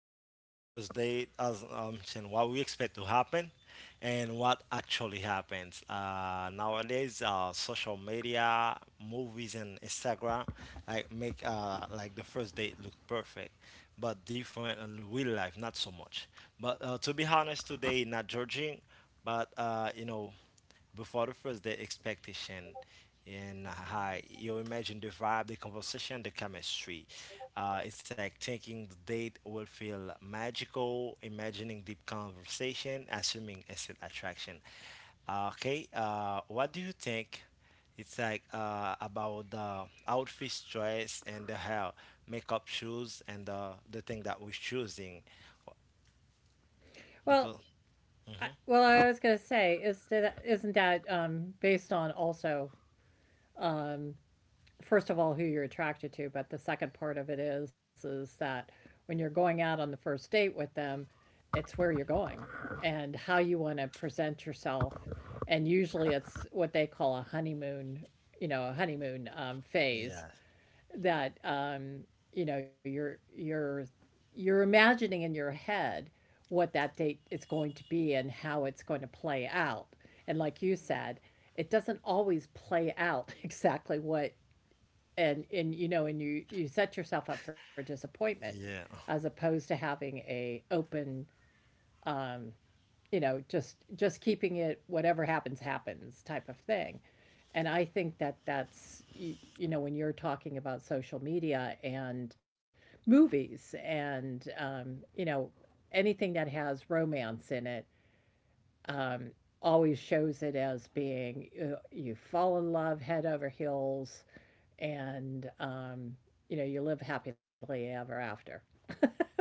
talking about the first date, as and what we expect to happen, and what actually happens. Nowadays, social media, movies, and Instagram, like make like the first date look perfect, but different in real life, not so much. But to be honest, today not judging, but before the first day expectation and hi you imagine the vibe, the conversation, the chemistry. It's like thinking the date will feel magical, imagining deep conversation, assuming instant attraction. Okay, what do you think? It's like about the outfit choice and the hair, makeup, shoes and the thing that we're choosing, Well, because I was gonna say is that isn't that based on also um, first of all who you're attracted to, but the second part of it is that when you're going out on the first date with them, it's where you're going and how you want to present yourself, and usually it's what they call a honeymoon, you know, a honeymoon phase yeah. that you know you're you're imagining in your head what that date is going to be and how it's going to play out. And like you said, it doesn't always play out exactly what and you know and you set yourself up for disappointment Yeah. as opposed to having a open um, you know just keeping it whatever happens happens type of thing and I think that that's you know when you're talking about social media and movies and you know anything that has romance in it um, always shows it as being you fall in love head over heels and you know you live happily ever after.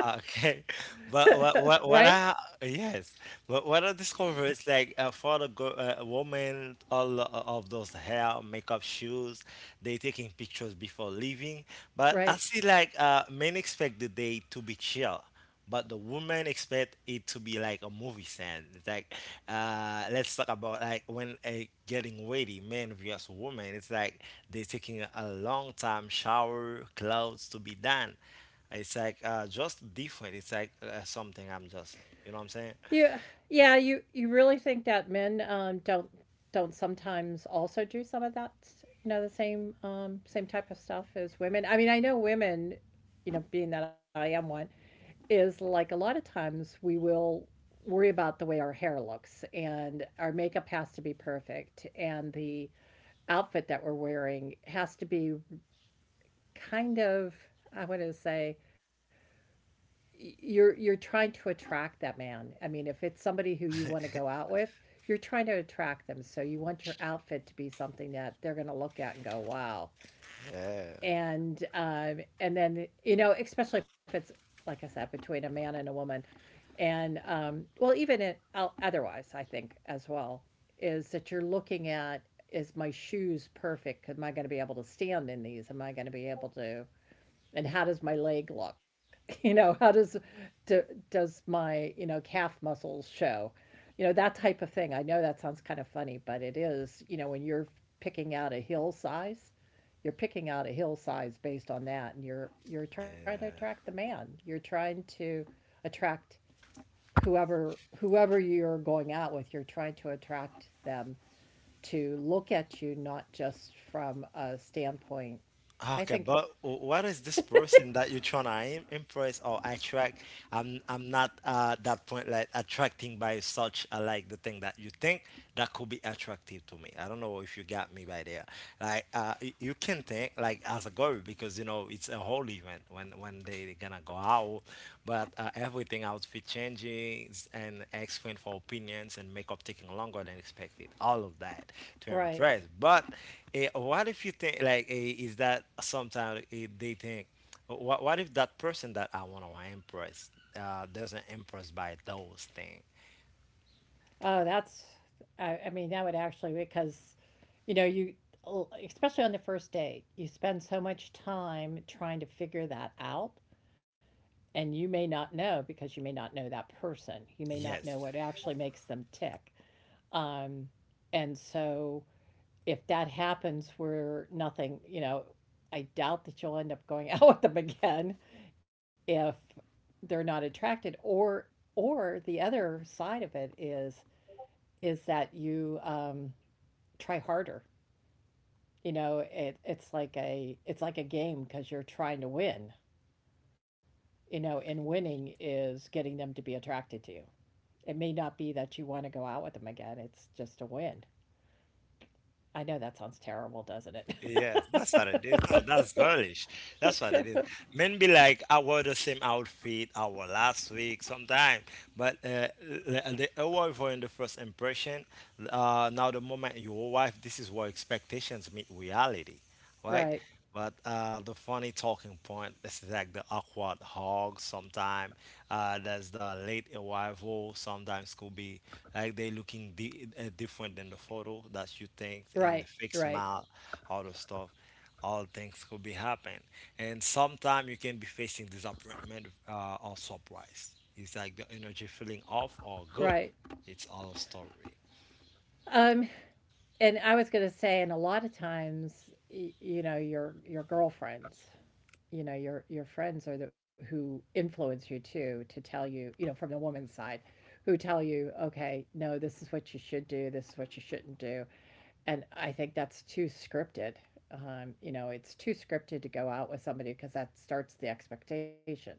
Okay, but what what Right, what I, yes, but what I discovered is like for the girl, woman, all of those hair, makeup, shoes, they taking pictures before leaving. But I right. see like men expect the day to be chill, but the women expect it to be like a movie scene. It's like let's talk about like when a getting ready, men versus women. It's like they're taking a long time shower, clothes to be done. It's like just different. It's like something you know what I'm saying? You, yeah, you really think that men don't sometimes also do some of that, you know, the same same type of stuff as women. I mean, I know women, you know, being that I am one, is like a lot of times we will worry about the way our hair looks and our makeup has to be perfect and the outfit that we're wearing has to be kind of I want to say you're trying to attract that man. I mean, if it's somebody who you want to go out with, you're trying to attract them. So you want your outfit to be something that they're going to look at and go, "Wow." Yeah. And then, you know, especially if it's like I said between a man and a woman and well, even it otherwise, I think as well is that you're looking at is my shoes perfect? Am I going to be able to stand in these? Am I going to be able to and how does my leg look? You know how does do, does my you know calf muscles show, you know that type of thing. I know that sounds kind of funny but it is, you know when you're picking out a hill size, you're picking out a hill size based on that and you're trying to attract the man, you're trying to attract whoever whoever you're going out with, you're trying to attract them to look at you not just from a standpoint. I Okay, think, but what is this person that you're trying to impress or attract? I'm not that point like attracting by such like the thing that you think that could be attractive to me. I don't know if you got me by there. Like you can think like as a girl because you know it's a whole event when they gonna go out, but everything outfit changes and asking for opinions and makeup taking longer than expected. All of that to right. impress, but. Eh, what if you think like eh, is that sometimes eh, they think what if that person that I want to impress doesn't impress by those things? Oh, I mean, that would actually, because, you know, you, especially on the first date, you spend so much time trying to figure that out. And you may not know because you may not know that person. You may not know Yes, what actually makes them tick. Um, and so if that happens where nothing, you know, I doubt that you'll end up going out with them again if they're not attracted, or the other side of it is that you try harder. You know, it's like a game because you're trying to win. You know, and winning is getting them to be attracted to you. It may not be that you want to go out with them again. It's just a win. I know that sounds terrible, doesn't it? yes, that's what it is. No, that's girlish. That's what it is. Men be like, I wore the same outfit I wore last week sometime, but the award for in the first impression. Now the moment you wife, this is where expectations meet reality. Right? Right, But the funny talking point is like the awkward hug sometime. There's the late arrival sometimes could be like they looking different than the photo that you think and the right, fake right, smile, all the stuff. All things could be happen, and sometimes you can be facing disappointment or surprise. It's like the energy feeling off or good. right. It's all story. Um, and I was gonna say, and a lot of times, you know, your girlfriends, you know, your friends are the who influence you too to tell you, you know, from the woman's side, who tell you, okay, no, this is what you should do, this is what you shouldn't do, and I think that's too scripted. You know, it's too scripted to go out with somebody because that starts the expectations,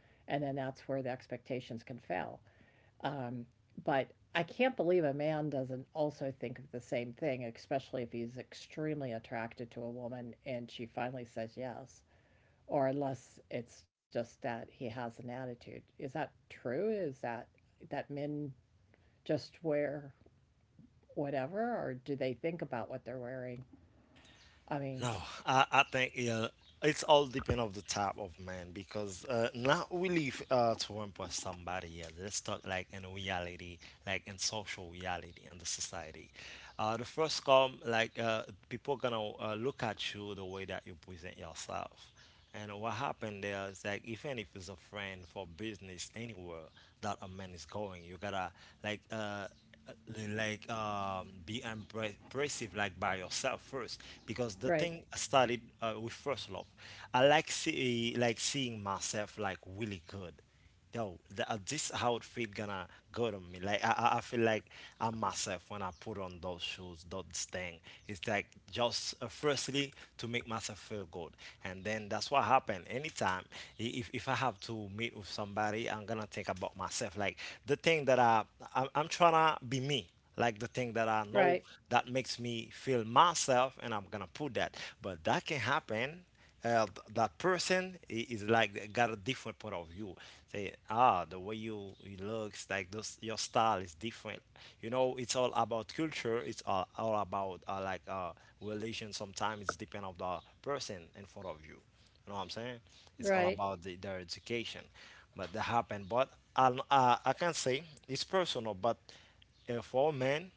and then that's where the expectations can fail um, but I can't believe a man doesn't also think of the same thing, especially if he's extremely attracted to a woman and she finally says yes, or unless it's just that he has an attitude. Is that true? Is that that men just wear whatever, or do they think about what they're wearing? I mean, No, I think yeah, it's all depend of the type of man because now we live to impress somebody. Yeah, let's talk like in reality, like in social reality in the society. The first come like people gonna look at you the way that you present yourself. And what happened there is like even if it's a friend for business anywhere that a man is going, you gotta like uh uh, like be impressive like by yourself first because the right, thing started with first love. I like see like seeing myself like really good. Yo the, this outfit gonna go to me like I feel like I'm myself when I put on those shoes, those thing. It's like just firstly to make myself feel good, and then that's what happened anytime. If I have to meet with somebody, I'm gonna think about myself like the thing that I'm trying not be me, like the thing that I know right, that makes me feel myself, and I'm gonna put that. But that can happen that person is like they got a different point of view. Say ah the way you it looks like those your style is different. You know it's all about culture, all about like religion sometimes. It's depend of the person in front of you. You know what I'm saying? It's all right. about their education. But that happened but I can say it's personal, but and for men,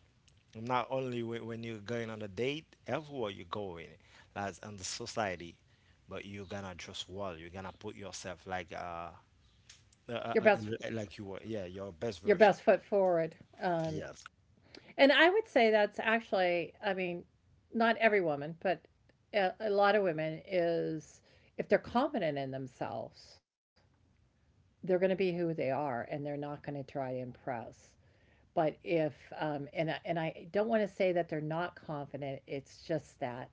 not only when you're going on a date, everywhere you're going, like in the society, but you're gonna dress well. You're gonna put yourself uh, Your uh, best, uh, like you were, yeah, your best your best version. foot forward. Um, Yes. And I would say that's actually, I mean, not every woman, but a lot of women is if they're confident in themselves, they're going to be who they are and they're not going to try to impress. But if and I don't want to say that they're not confident, it's just that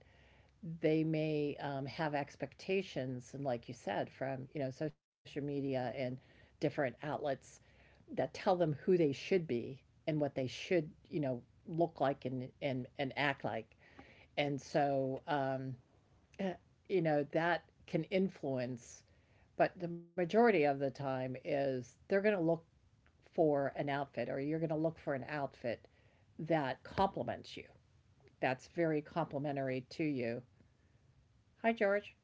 they may have expectations, and like you said, from you know social media and different outlets that tell them who they should be and what they should you know look like and and act like, and so eh, you know that can influence. But the majority of the time is they're going to look for an outfit, or you're going to look for an outfit that complements you, that's very complimentary to you, Hi, George.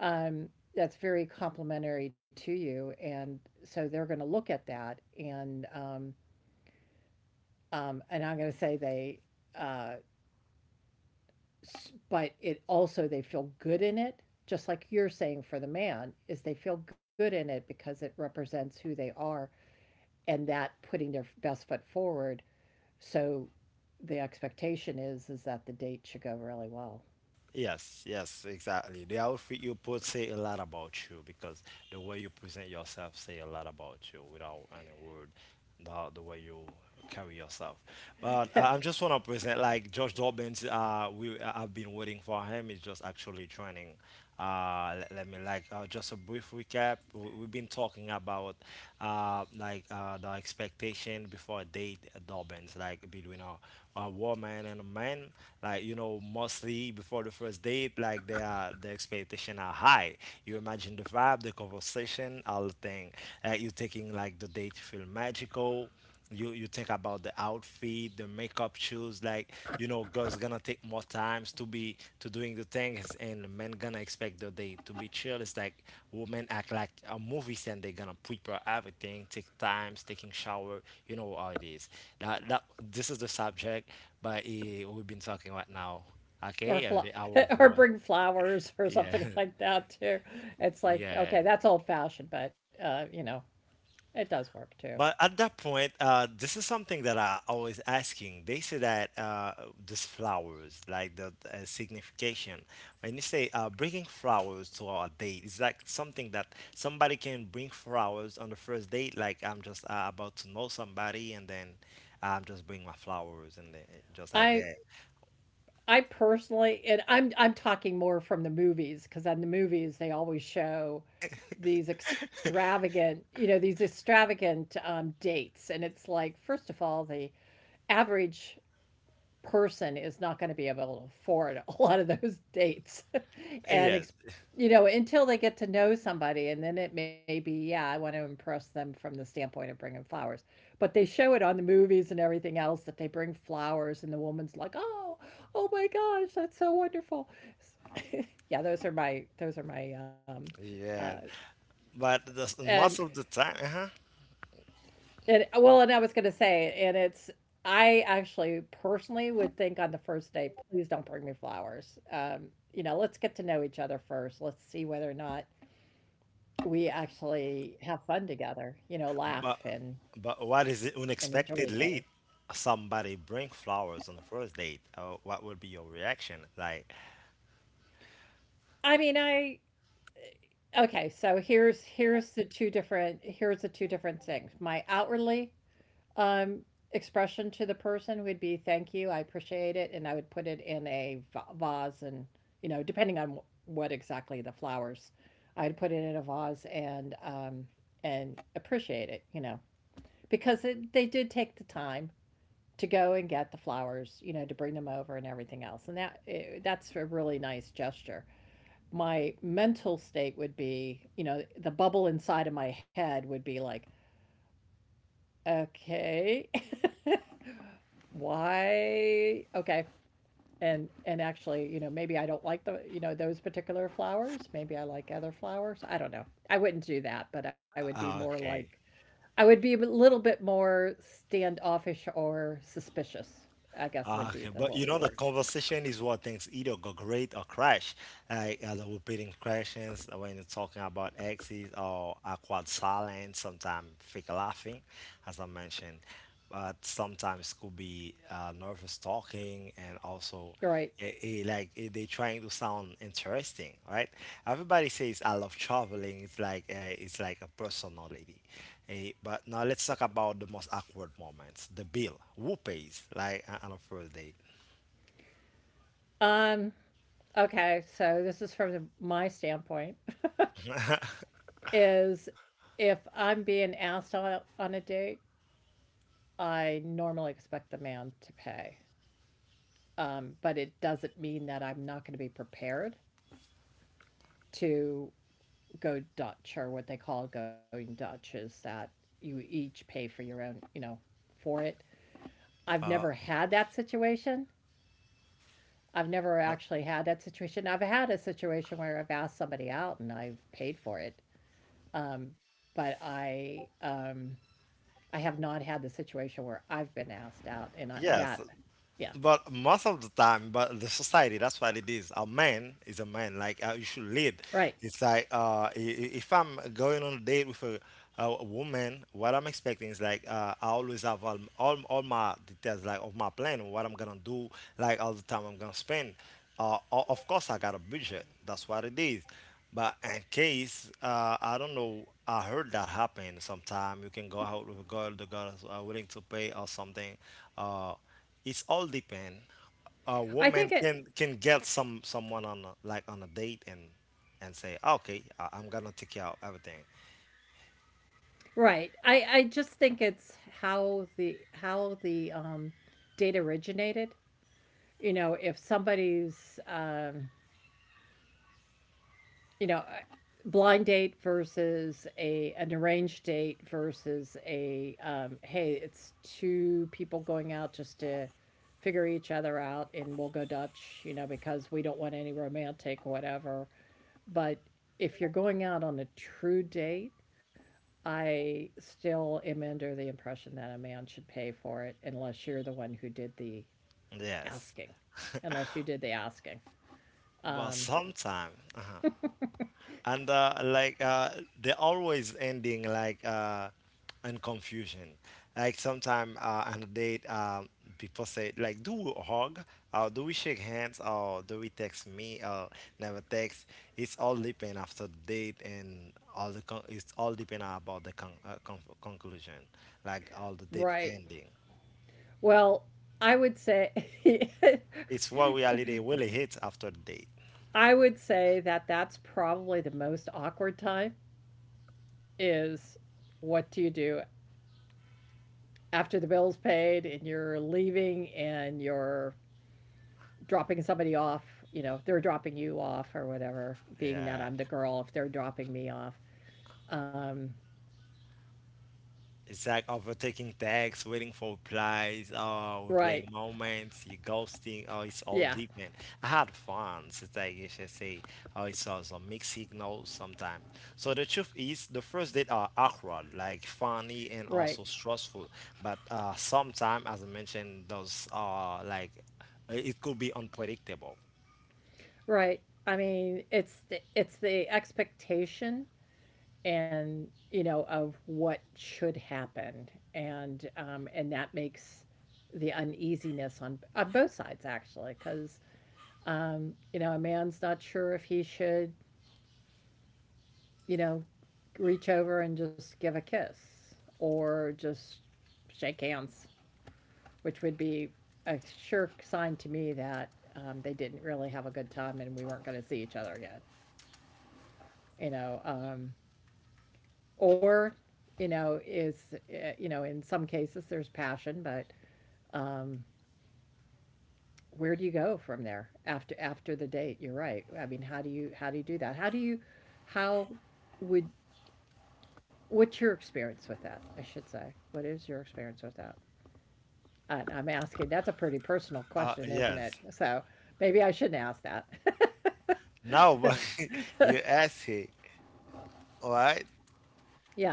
Um, that's very complimentary to you, and so they're going to look at that, and I'm going to say uh, s- but it also they feel good in it, just like you're saying for the man, is they feel good in it because it represents who they are, and that putting their best foot forward. So the expectation is that the date should go really well. Yes, yes, exactly. The outfit you put say a lot about you because the way you present yourself say a lot about you without any word, the way you carry yourself. But I just want to present like Josh Dobbins. We I've been waiting for him. He's just actually training. Let me like just a brief recap. We've been talking about like the expectation before a date happens, like between a woman and a man. Like you know, mostly before the first date, like they are the expectation are high. You imagine the vibe, the conversation, all the thing. You taking like the date to feel magical. You think about the outfit, the makeup, shoes, like you know girls gonna take more times to be to doing the things, and men gonna expect the day to be chill. It's like women act like a movie and they gonna prepare everything, take times, taking shower. You know how it is, that this is the subject. But eh, we've been talking right now. Or Okay, fl- and the hour of or one. bring flowers or Yeah. something like that too. It's like Yeah. okay, that's old fashioned, but you know, it does work too. But at that point, this is something that I always asking. They say that these flowers, like the signification, when you say bringing flowers to our date, it's like something that somebody can bring flowers on the first date. Like I'm just about to know somebody, and then I'm just bring my flowers, and then, eh, just like I that. I personally, and I'm talking more from the movies because on the movies they always show these extravagant, you know, these extravagant dates, and it's like first of all the average person is not going to be able to afford a lot of those dates. And, Yes, you know, until they get to know somebody, and then it may be, yeah, I want to impress them from the standpoint of bringing flowers. But they show it on the movies and everything else that they bring flowers, and the woman's like, oh, oh my gosh, that's so wonderful. Yeah, those are my, uh, yes. But the, and most of the time, uh-huh. And and I was going to say, and it's I actually personally would think on the first day, please don't bring me flowers. You know, let's get to know each other first. Let's see whether or not we actually have fun together. You know, laugh But but what is it and enjoy unexpected each other. Lead. Somebody bring flowers on the first date. What would be your reaction? Like, I mean, I okay. So here's the two different here's the two different things. My outwardly Um, expression to the person would be thank you, I appreciate it, and I would put it in a vase and, you know, depending on wh- what exactly the flowers, I'd put it in a vase and appreciate it, you know, because it, they did take the time to go and get the flowers, you know, to bring them over and everything else. And that that's a really nice gesture. My mental state would be, you know, the bubble inside of my head would be like, okay, why okay, and actually you know maybe I don't like the you know those particular flowers, maybe I like other flowers, I don't know, I wouldn't do that, but I would be more okay, like I would be a little bit more standoffish or suspicious, I guess would okay. be But the you wo- know, the word. conversation is what things either go great or crash. Like the repeating questions when you're talking about exes or awkward silence, sometimes fake laughing, as I mentioned. But sometimes could be nervous talking and also. Right. Like eh, they trying to sound interesting, right? Everybody says I love traveling. It's like a personality. Eh, but now let's talk about the most awkward moments. The bill, who pays? Like on a first date. um okay, so this is from the, my standpoint is if I'm being asked on a date, I normally expect the man to pay. But it doesn't mean that I'm not going to be prepared to go Dutch, or what they call going Dutch is that you each pay for your own, you know, for it. I've Uh, never had that situation. I've never but actually had that situation. I've had a situation where I've asked somebody out and I've paid for it. But I have not had the situation where I've been asked out and I, yes. that yeah, But most of the time, but the society, that's what it is. A man is a man. Like you should lead. right. It's like if I'm going on a date with a woman, what I'm expecting is like I always have all all my details, like of my plan, what I'm gonna do, like all the time I'm gonna spend. Of course, I got a budget. That's what it is. But in case, I don't know, I heard that happen sometime. You can go out with a girl, the girl is willing to pay or something. Uh, it's all depend. A woman I think can it can get some someone on a, like on a date and say, okay, I'm gonna take care of everything. Right. I just think it's how the, data originated. You know, if somebody's, you know, blind date versus a an arranged date versus a, "Hey, it's 2 people going out just to figure each other out and we'll go Dutch, you know, because we don't want any romantic whatever." But if you're going out on a true date, I still am under the impression that a man should pay for it unless you're the one who did the Yes, asking. Unless you did the asking. but Um, sometimes. And like they're always ending like in confusion. Like sometimes on a date, people say like, "Do we hug? Or do we shake hands? Or do we text me? Or never text?" It's all depend after the date and all the it's all depend about the conclusion, like all the date right. ending. Well, I would say It's what reality really hits after the date. I would say that that's probably the most awkward time is what do you do after the bill's paid and you're leaving and you're dropping somebody off, you know, they're dropping you off or whatever, being that Yeah. I'm the girl if they're dropping me off. Um, It's like overtaking texts, waiting for replies, oh, we're right. playing moments, you ghosting, oh, it's all Yeah. deep, I had fun. It's like you should say, oh, it's also mixed signals sometimes. So the truth is, the first date are awkward, like funny and Right. also stressful. But sometimes, as I mentioned, those are like, it could be unpredictable. Right. I mean, it's the expectation and you know of what should happen, and that makes the uneasiness on both sides actually, because you know a man's not sure if he should you know reach over and just give a kiss or just shake hands, which would be a sure sign to me that they didn't really have a good time and we weren't going to see each other again. You know. Or you know, is you know, in some cases there's passion, but um, where do you go from there after the date? You're right. I mean, how do you do that? How would what's your experience with that? I should say, what is your experience with that? I am asking, that's a pretty personal question, isn't Yes. it? So maybe I shouldn't ask that. Now, but you ask it, right? Yeah.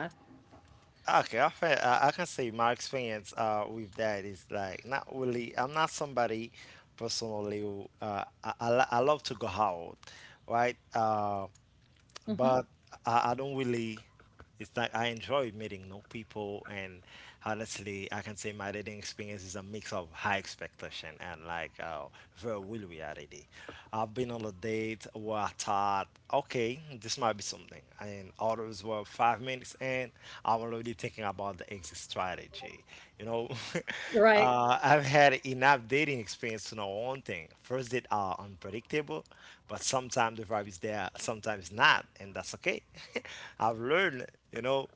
Okay, I can say my experience with that is like not really. I'm not somebody personally who I love to go out, right? Hmm. But I don't really. It's like I enjoy meeting new people, and honestly, I can say my dating experience is a mix of high expectation and like very real reality. I've been on a date where I thought, okay, this might be something, and others were 5 minutes, and I'm already thinking about the exit strategy. You know, Right, I've had enough dating experience to know one thing. First dates are unpredictable, but sometimes the vibe is there, sometimes not, and that's okay. I've learned, you know,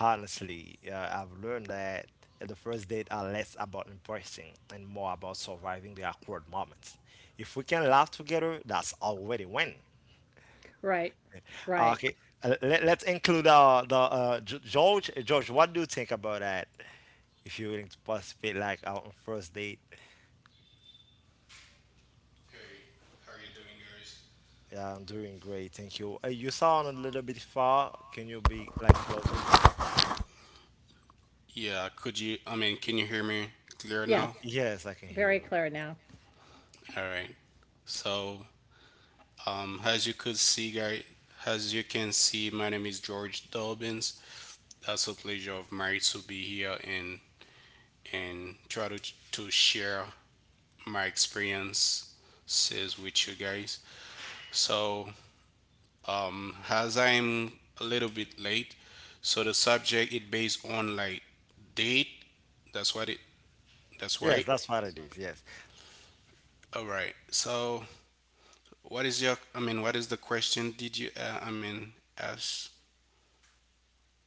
honestly, I've learned that the first date are less about impressing and more about surviving the awkward moments. If we can laugh together, that's already win. right, right. Okay, let's include the George. George, what do you think about that? If you're willing to participate, like our first date. Hey, how are you doing, guys? Yeah, I'm doing great, thank you. You sound a little bit far. Can you be like closer? Yeah, could you? Can you hear me clear Y- now? Yes, yes, I can hear very you. clear now. All right. So, as you could see, guys, as you can see, my name is George Dobbins. That's a pleasure of mine to be here and try to share my experiences with you guys. So, as I'm a little bit late, so the subject is based on like date. That's what it. That's Yes, right. that's what it is. Yes. All right. So, what is your? What is the question? Did you? Ask.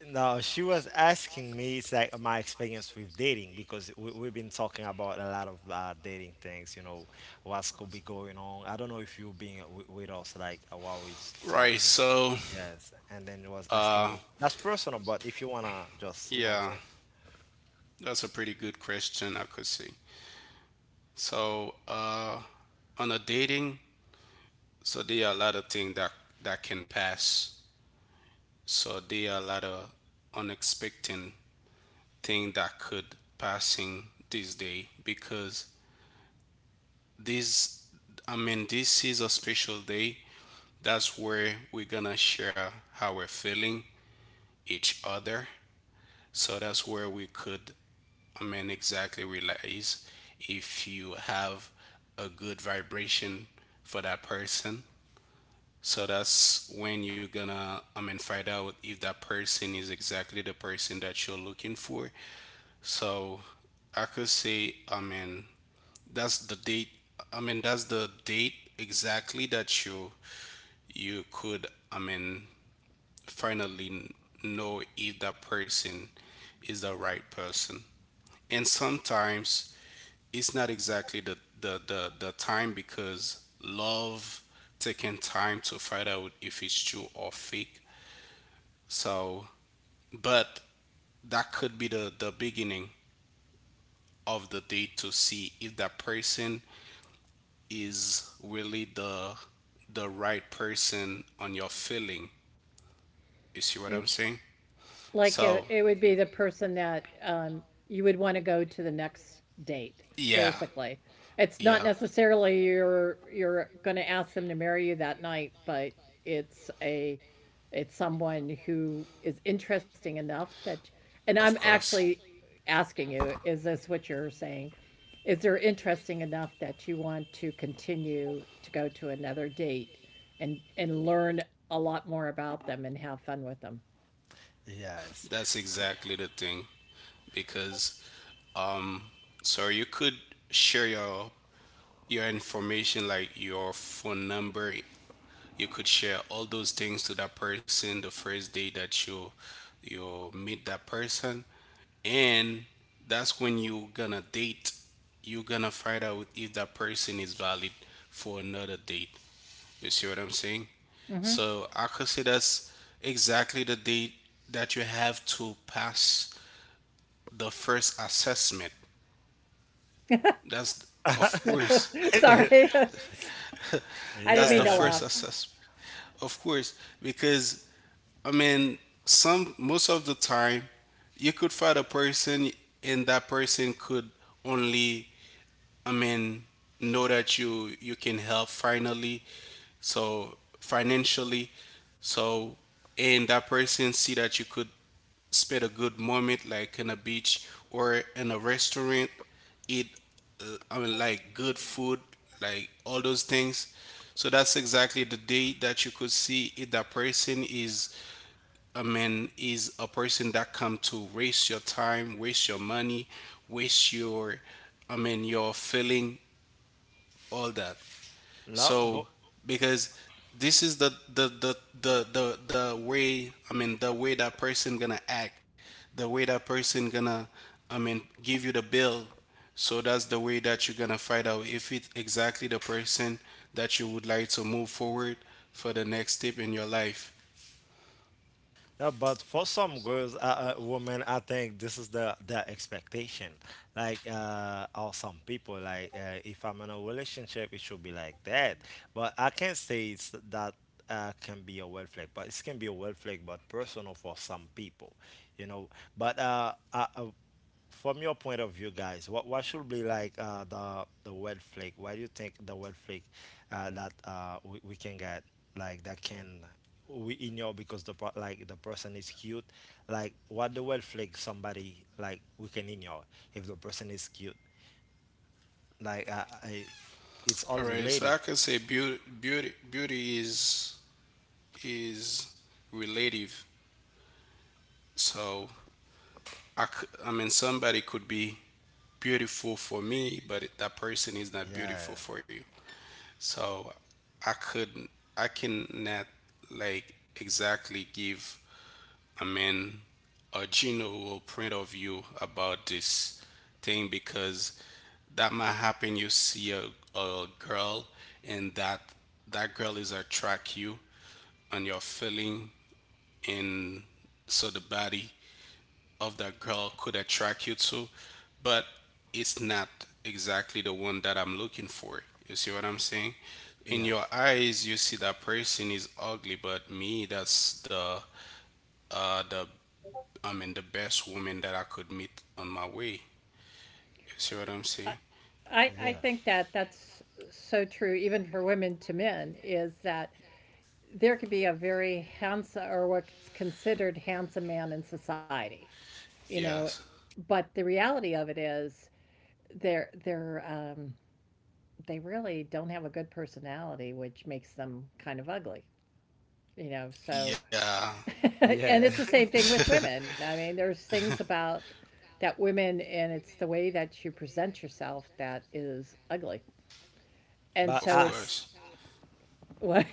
Now she was asking me, it's like my experience with dating because we've been talking about a lot of dating things. What's could be going on. I don't know if you being with us like while we are Right. talking. Yes, and then it was asking uh, me. That's personal, but if you wanna just, you know what yeah, I'm that's a pretty good question. I could say. So, uh, on a dating, so there are a lot of things that can pass. So there are a lot of unexpected things that could passing this day because this this is a special day. That's where we're gonna share how we're feeling, each other. So that's where we could, exactly realize if you have a good vibration for that person. So that's when you're gonna, find out if that person is exactly the person that you're looking for. So I could say, that's the date. That's the date exactly that you could, I mean, finally know if that person is the right person. And sometimes it's not exactly the time because love taking time to find out if it's true or fake. So but that could be the beginning of the date to see if that person is really the right person on your feeling. You see what I'm saying? Like, it, So, it would be the person that you would want to go to the next date, yeah, basically. It's not yeah, necessarily you're going to ask them to marry you that night, but it's a it's someone who is interesting enough that, and I'm of course. actually asking you, is this what you're saying? Is there interesting enough that you want to continue to go to another date and learn a lot more about them and have fun with them? saying? Yes. That's exactly the thing because um so you could share your information like your phone number. You could share all those things to that person the first day that you meet that person. And that's when you're gonna date. You're gonna find out if that person is valid for another date. You see what I'm saying? Hmm. So I could say that's exactly the date that you have to pass the first assessment. That's of course. Sorry, I didn't That's mean the to Yeah. first laugh. assessment, of course, because i mean some most of the time you could find a person and that person could only I mean, know that you can help finally, so financially, so and that person see that you could spend a good moment like in a beach or in a restaurant, eat like good food, like all those things. So that's exactly the day that you could see if that person is a man, is a person that come to waste your time, waste your money, waste your your feeling, all that. No, So because this is the way, the way that person gonna act, the way that person gonna give you the bill. So that's the way that you're gonna find out if it's exactly the person that you would like to move forward for the next step in your life. no, but for some girls, women, I think this is the expectation. Like, or some people, like, if I'm in a relationship, it should be like that. But I can't say it's that can be a red flag, but it can be a red flag, but personal for some people, you know. But from your point of view, guys, what should be like the red flag? Why do you think the red flag that we can get like that can we ignore because like the person is cute? Like what the red flag somebody like we can ignore if the person is cute? Like it's all All right, so relative. I can say beauty is relative. So I, c- I mean, somebody could be beautiful for me, but that person is not Yeah. beautiful for you. So I couldn't, I cannot like exactly give a man a general point of view about this thing because that might happen. You see a girl and that girl is attract you and your feeling. And so the body of that girl could attract you to, but it's not exactly the one that I'm looking for. You see what I'm saying? In Yeah. your eyes, you see that person is ugly, but me, that's the uh the the best woman that I could meet on my way. You see what I'm I, saying? I Yeah. think that that's so true, even for women to men, is that there could be a very handsome or what's considered handsome man in society, you know, Yes. but the reality of it is they're they're um, they really don't have a good personality, which makes them kind of ugly, you know. So Yeah, and Yeah. it's the same thing with women. I mean, there's things about that women and it's the way that you present yourself that is ugly. And of but so it's course. us. what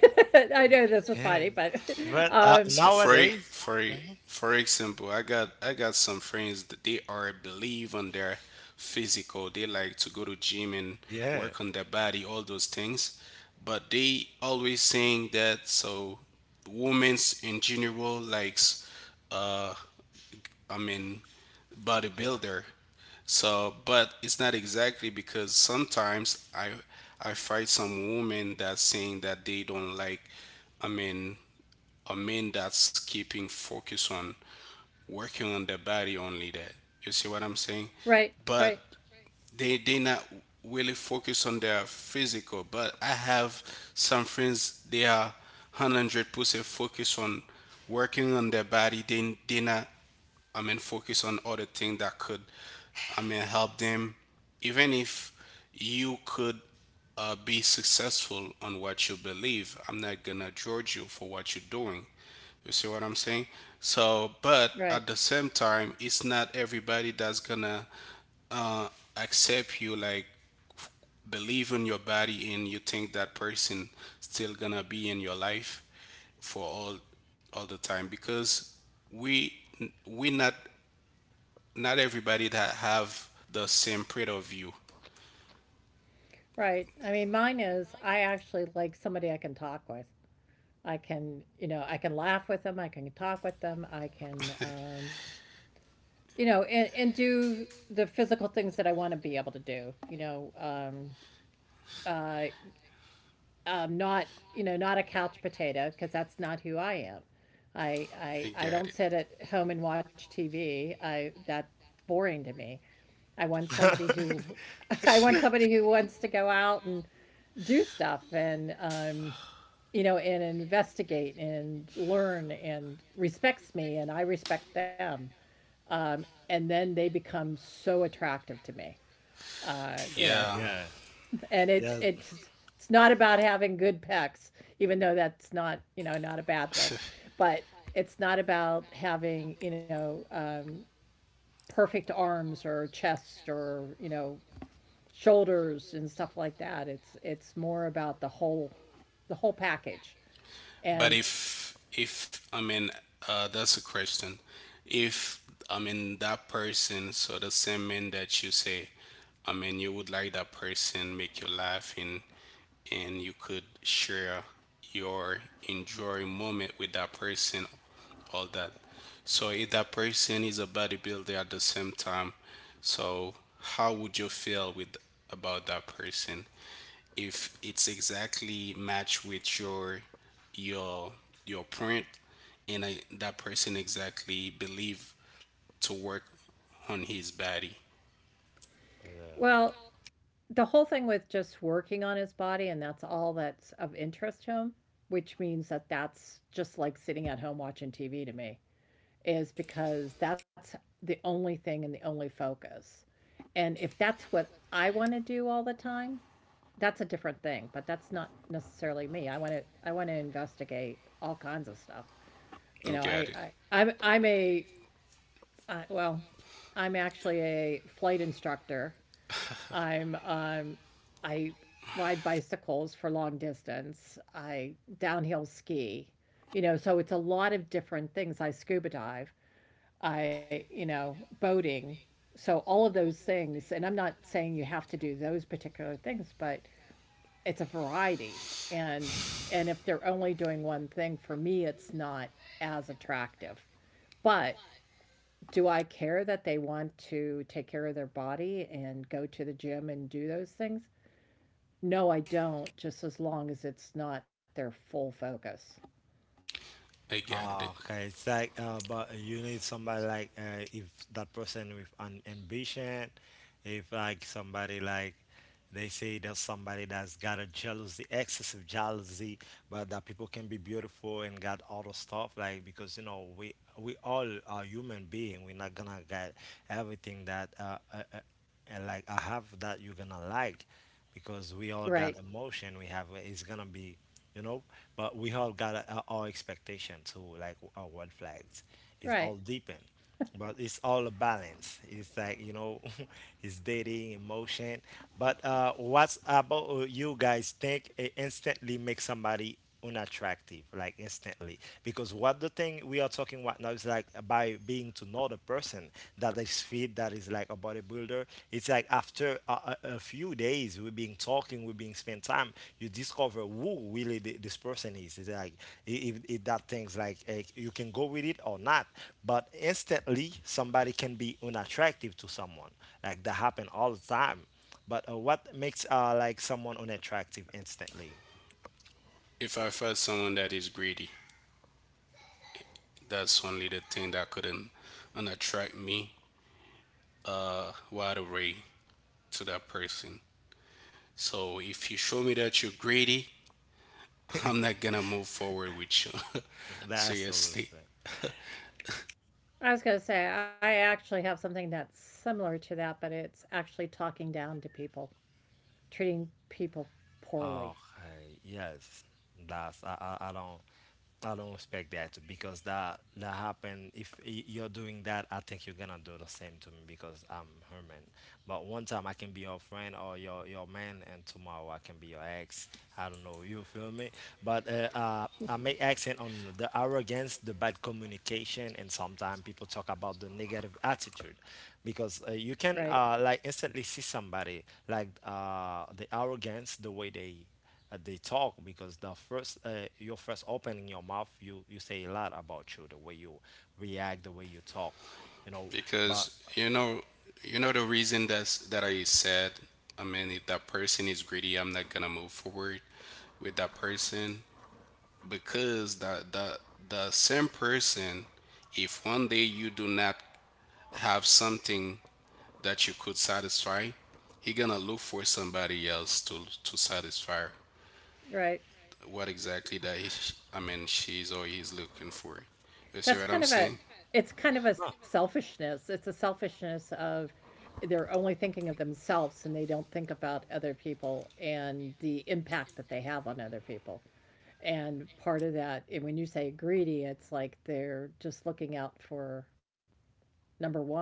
I know this is Yeah. funny, but But So um, nowadays. Mhm. for example, I got some friends that they are believe on their physical. They like to go to gym and Yeah. work on their body, all those things. But they always saying that so women's in general likes uh I mean bodybuilder. So but it's not exactly because sometimes I fight some women that saying that they don't like I mean a man that's keeping focus on working on their body only there. You see what I'm saying? right, But right, they not really focus on their physical. But I have some friends they are 100% focused on working on their body. They not focus on other things that could, help them. Even if you could be successful on what you believe, I'm not gonna judge you for what you're doing. You see what I'm saying? So, but right, at the same time, it's not everybody that's gonna uh, accept you, like believe in your body, and you think that person still gonna be in your life for all the time because we we're not everybody that have the same point of view. right. I mean, mine is I actually like somebody I can talk with. I can, you know, I can laugh with them, I can talk with them, I can, you know, and do the physical things that I want to be able to do, you know, uh, not you know not a couch potato because that's not who I am. I You I I get it. don't sit at home and watch TV. I That's boring to me. I want somebody who I want somebody who wants to go out and do stuff and you know and investigate and learn and respects me and I respect them. And then they become so attractive to me. You know, Yeah, yeah. and it Yes. it's it's not about having good pecs, even though that's not you know not a bad thing, but it's not about having you know perfect arms or chest or you know shoulders and stuff like that. It's more about the whole package. but And if that's a question. If that person, so the same man that you say, you would like that person make you laugh and you could share your enjoying moment with that person, all that. So if that person is a bodybuilder at the same time, so how would you feel with about that person if it's exactly matched with your your print and I, that person exactly believe to work on his body? Yeah. well, the whole thing with just working on his body, and that's all that's of interest to him, which means that that's just like sitting at home watching TV to me, is because that's the only thing and the only focus. And if that's what I want to do all the time, that's a different thing, but that's not necessarily me. I want to investigate all kinds of stuff. You I know, got I it. I I'm, I'm a I, well, I'm actually a flight instructor. I'm um I ride bicycles for long distance. I downhill ski. You know, so it's a lot of different things. I scuba dive. I, you know, boating. So all of those things, and I'm not saying you have to do those particular things, but it's a variety. And if they're only doing one thing, for me it's not as attractive. But do I care that they want to take care of their body and go to the gym and do those things? No, I don't, just as long as it's not their full focus. I got it. Ah, okay. It's like, but you need somebody like, if that person with an ambition. If like somebody like they say there's somebody that's got a jealousy, excessive jealousy, but that people can be beautiful and got all the stuff like because you know we all are human being. We're not gonna get everything that like I have that you're gonna like because we all Right. got emotion. We have it's gonna be, you know, but we all got our expectation too. Like our red flags, it's Right. all deepened, but it's all a balance. It's like, it's dating, emotion. But what's about you guys think it instantly makes somebody unattractive, like instantly? Because what the thing we are talking about now is like by being to know the person that is fit, that is like a bodybuilder. It's like after a few days we've been talking we've been spending time. You discover who really this person is. It's like if that thing's like you can go with it or not, but instantly somebody can be unattractive to someone like that happen all the time. But what makes like someone unattractive instantly. If I find someone that is greedy, that's only the thing that couldn't and attract me right away to that person. So if you show me that you're greedy, I'm not gonna move forward with you. That's over. Seriously. I was going to say, I actually have something that's similar to that, but it's actually talking down to people, treating people poorly. Okay, yes, that's I don't expect that because that happened. If you're doing that, I think you're gonna do the same to me because I'm human. But one time I can be your friend or your man, and tomorrow I can be your ex. I don't know. You feel me? But I make accent on the I arrogance, the bad communication, and sometimes people talk about the negative attitude because you Right. can like instantly see somebody like the arrogance, the way they talk because the first your first opening your mouth you say a lot about you, the way you react, the way you talk, you know but Because you know the reason that's that I said, if that person is greedy, I'm not gonna move forward with that person. Because that the same person, if 1 day you do not have something that you could satisfy, he gonna look for somebody else to satisfy Right. what exactly that he, she's or he's looking for. You see That's what I'm kind of a, saying? it's kind of a no, selfishness. It's a selfishness of they're only thinking of themselves and they don't think about other people and the impact that they have on other people. And part of that, and when you say greedy, it's like they're just looking out for number one,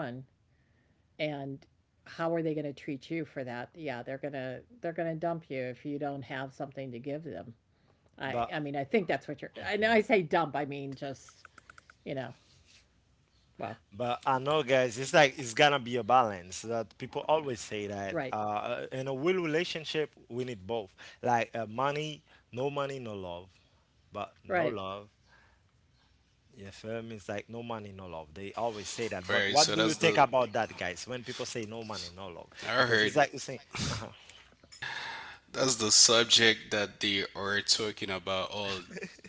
and how are they going to treat you for that? Yeah, they're going to, they're going to dump you if you don't have something to give them. i but i mean, I think that's what you're, I know I mm-hmm. say dump, I mean just you know, well, But I know, guys, it's like it's gonna be a balance. That people always say right. that in a real relationship, we need both. Like money, no love. But no Right. love, you feel me? It's like no money, no love. They always say that. But Alright, what so do you that's think the about that, guys? When people say no money, no love, I because heard it's like you saying, uh-huh. that's the subject that they are talking about all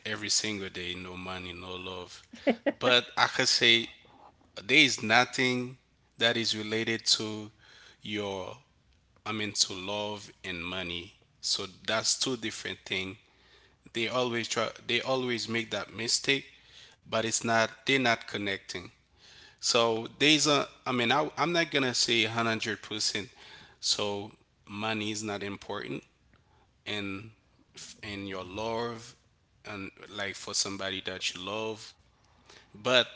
every single day. No money, no love. But I can say there is nothing that is related to your to love and money. So that's two different things. They always try, they always make that mistake, but it's not, they're not connecting. So there's a, I, I'm not gonna say 100%, so money is not important, and and your love, and like for somebody that you love. But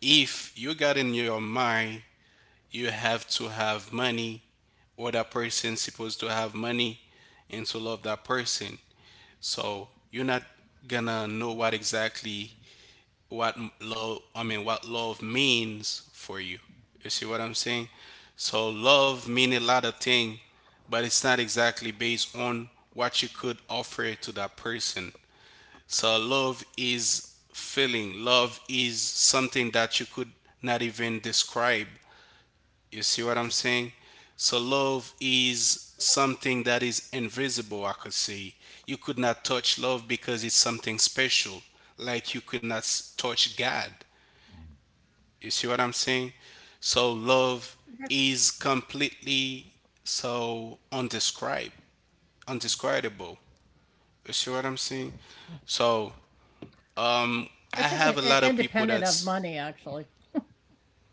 if you got in your mind you have to have money, or that person supposed to have money, and to love that person, so you're not gonna know what exactly what love I mean what love means for you. You see what I'm saying? So love mean a lot of thing, but it's not exactly based on what you could offer to that person. So love is feeling. Love is something that you could not even describe. You see what I'm saying? So love is something that is invisible, I could say. You could not touch love because it's something special, like you could not touch god. You see what I'm saying? So love is completely so undescribe undescribable. You see what I'm saying? So um I It's an, have a lot of people independent of that's money actually.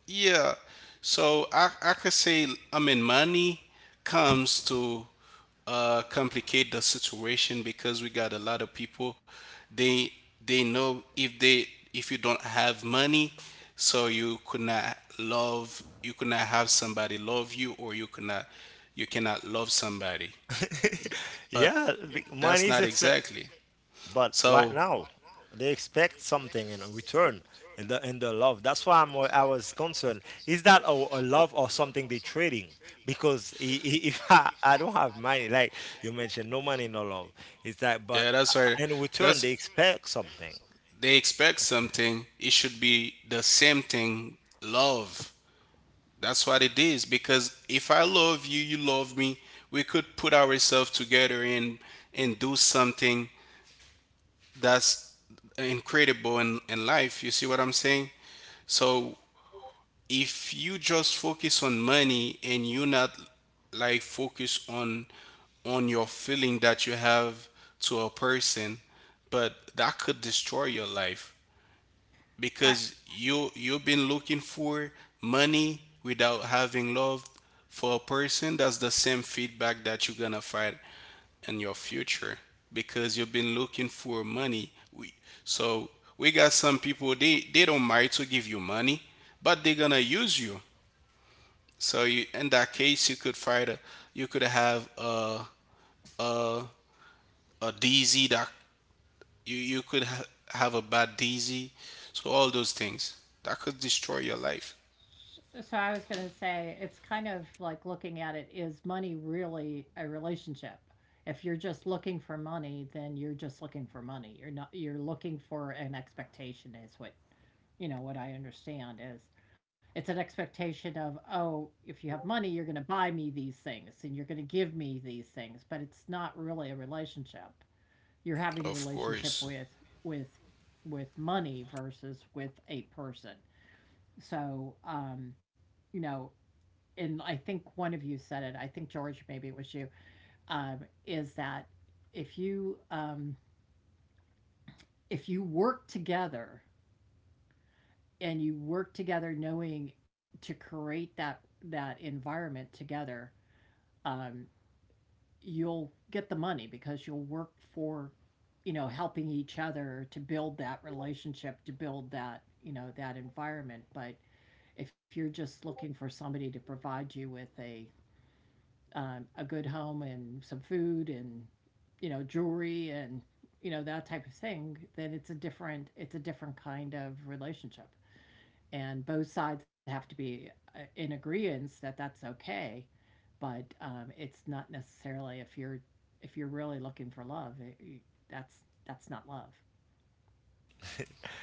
Yeah. So I could say, money comes to complicate the situation because we got a lot of people. They they know if they, if you don't have money, so you could not love, you could not have somebody love you, or you could not you cannot love somebody. But yeah, that's money is not expect. exactly. But right So now, they expect something in return in the love. That's why I was concerned. Is that a love or something they're trading? Because if I don't have money, like you mentioned, no money, no love. It's like, but yeah, that's right. in return, they That's expect something. they expect something. It should be the same thing. Love. That's what it is. Because if I love you, you love me. We could put ourselves together and do something that's incredible in life. You see what I'm saying? So if you just focus on money and you not like focus on your feeling that you have to a person, but that could destroy your life. Because you you've been looking for money without having love for a person, that's the same feedback that you're gonna find in your future because you've been looking for so we got some people, they don't mind to give you money, but they're gonna use you. So you in that case, you could find a you could have a a DZ that you you could ha- have a bad DZ. So all those things that could destroy your life. So I was going to say it's kind of like looking at it, is money really a relationship? If you're just looking for money, then you're just looking for money. You're not, you're looking for an expectation, is what you know what I understand is it's an expectation of, oh, if you have money, you're going to buy me these things and you're going to give me these things, but it's not really a relationship. You're having the Of relationship course, with with with money versus with a person. So, you know, and I think one of you said it. I think George, maybe it was you. Um, is that if you um, if you work together and you work together, knowing to create that that environment together, um, you'll get the money because you'll work for, you know, helping each other to build that relationship, to build that you know that environment. But if you're just looking for somebody to provide you with a good home and some food and you know jewelry and you know that type of thing, then it's a different, it's a different kind of relationship, and both sides have to be in agreeance that that's okay. But it's not necessarily if you're really looking for love it, you- that's not love.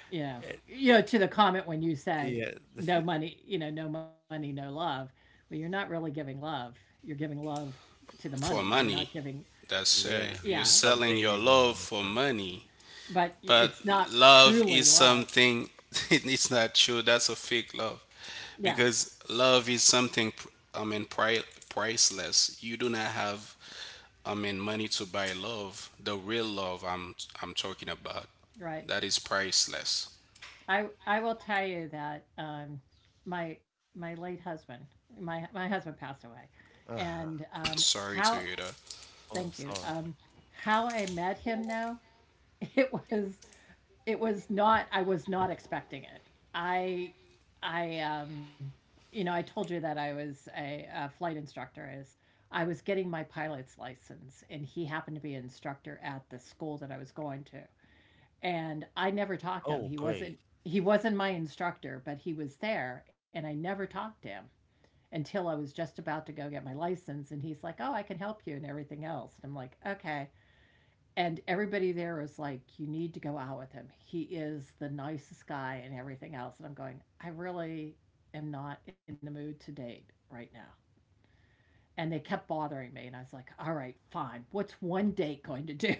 You know, you know to the comment when you said Yeah, no money, you know, no money no love, well, you're not really giving love. You're giving love to the money. for You're not money. giving That's right. yeah, You're yeah, it's selling something your you get love in for return. money, but but it's not love truly is love. something. It's not true. That's a fake love Yeah, because love is something. I mean, pri- Priceless. You do not have. I mean, money to buy love. The real love I'm talking about. right. That is priceless. I will tell you that my late husband, my husband passed away, and Uh-huh. Sorry how to hear that. Oh, thank you. sorry. How I met him now, it was, it was not, I was not expecting it. I i um you know, I told you that I was a flight instructor is I was getting my pilot's license and he happened to be an instructor at the school that I was going to, and I never talked to him, Oh, he great. wasn't, he wasn't my instructor, but he was there and I never talked to him until I was just about to go get my license, and he's like, "Oh, I can help you and everything else," and I'm like, "Okay." And everybody there was like, "You need to go out with him. He is the nicest guy and everything else." And I'm going, "I really am not in the mood to date right now." And they kept bothering me, and I was like, "All right, fine. What's one date going to do?"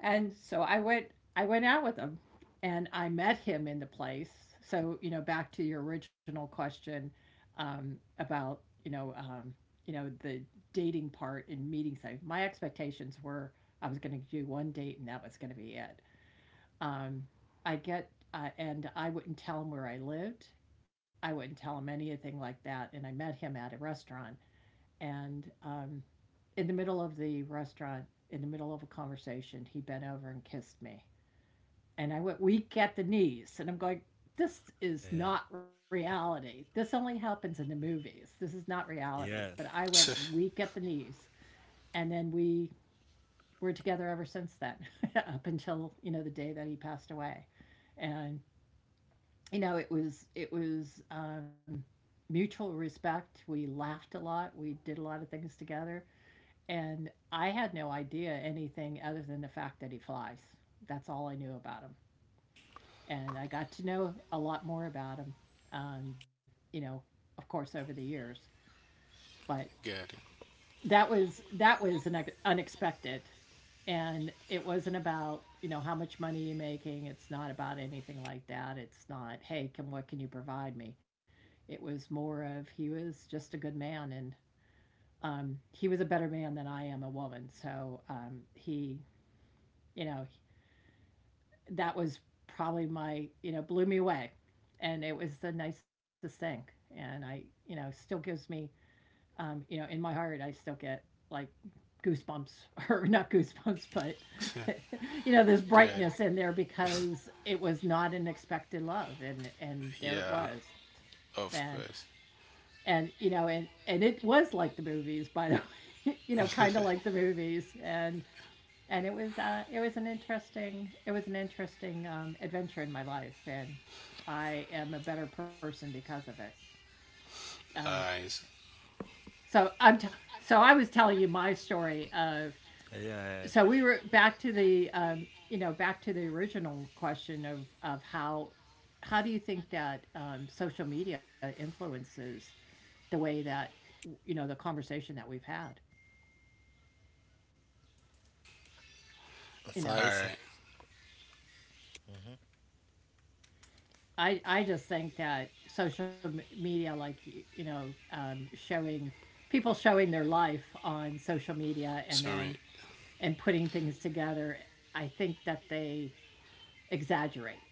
And so I went, I went out with him and I met him in the place. So, you know, back to your original question about, you know, um, you know, the dating part and meeting site. My expectations were I was going to do one date and that was going to be it. Um, I get and I wouldn't tell him where I lived. I wouldn't tell him anything like that. And I met him at a restaurant, and in the middle of the restaurant, in the middle of a conversation, he bent over and kissed me, and I went weak at the knees, and I'm going, this is Yeah, not reality. This only happens in the movies. This is not reality. But yeah, I went weak at the knees. And then we were together ever since then, up until, you know, the day that he passed away. And, you know, it was, mutual respect. We laughed a lot. We did a lot of things together, and I had no idea anything other than the fact that he flies. That's all I knew about him. And I got to know a lot more about him, um, you know, of course, over the years. But Get it. that was an unexpected, and it wasn't about you know how much money you're making. It's not about anything like that. It's not hey, can what can you provide me? It was more of he was just a good man, and he was a better man than I am a woman. So he you know that was probably my, blew me away. And it was the nicest thing. And I still gives me, in my heart, I still get like goosebumps or not goosebumps, but, this Get brightness in there it. because it was not an expected love. And there it Yeah. was. And, Of course. and, you know, and it was like the movies, by the way, you know, kind of like the movies. And it was it was an interesting adventure in my life, and I am a better person because of it. Um, Eyes. so I'm t- so I was telling you my story of yeah. so we were back to the back to the original question of how do you think that social media influences the way that you know the conversation that we've had? you So know it's. Alright. Mhm. I I just think that social media, like showing people showing their life on social media, and Sorry. then and putting things together, I think that they exaggerate.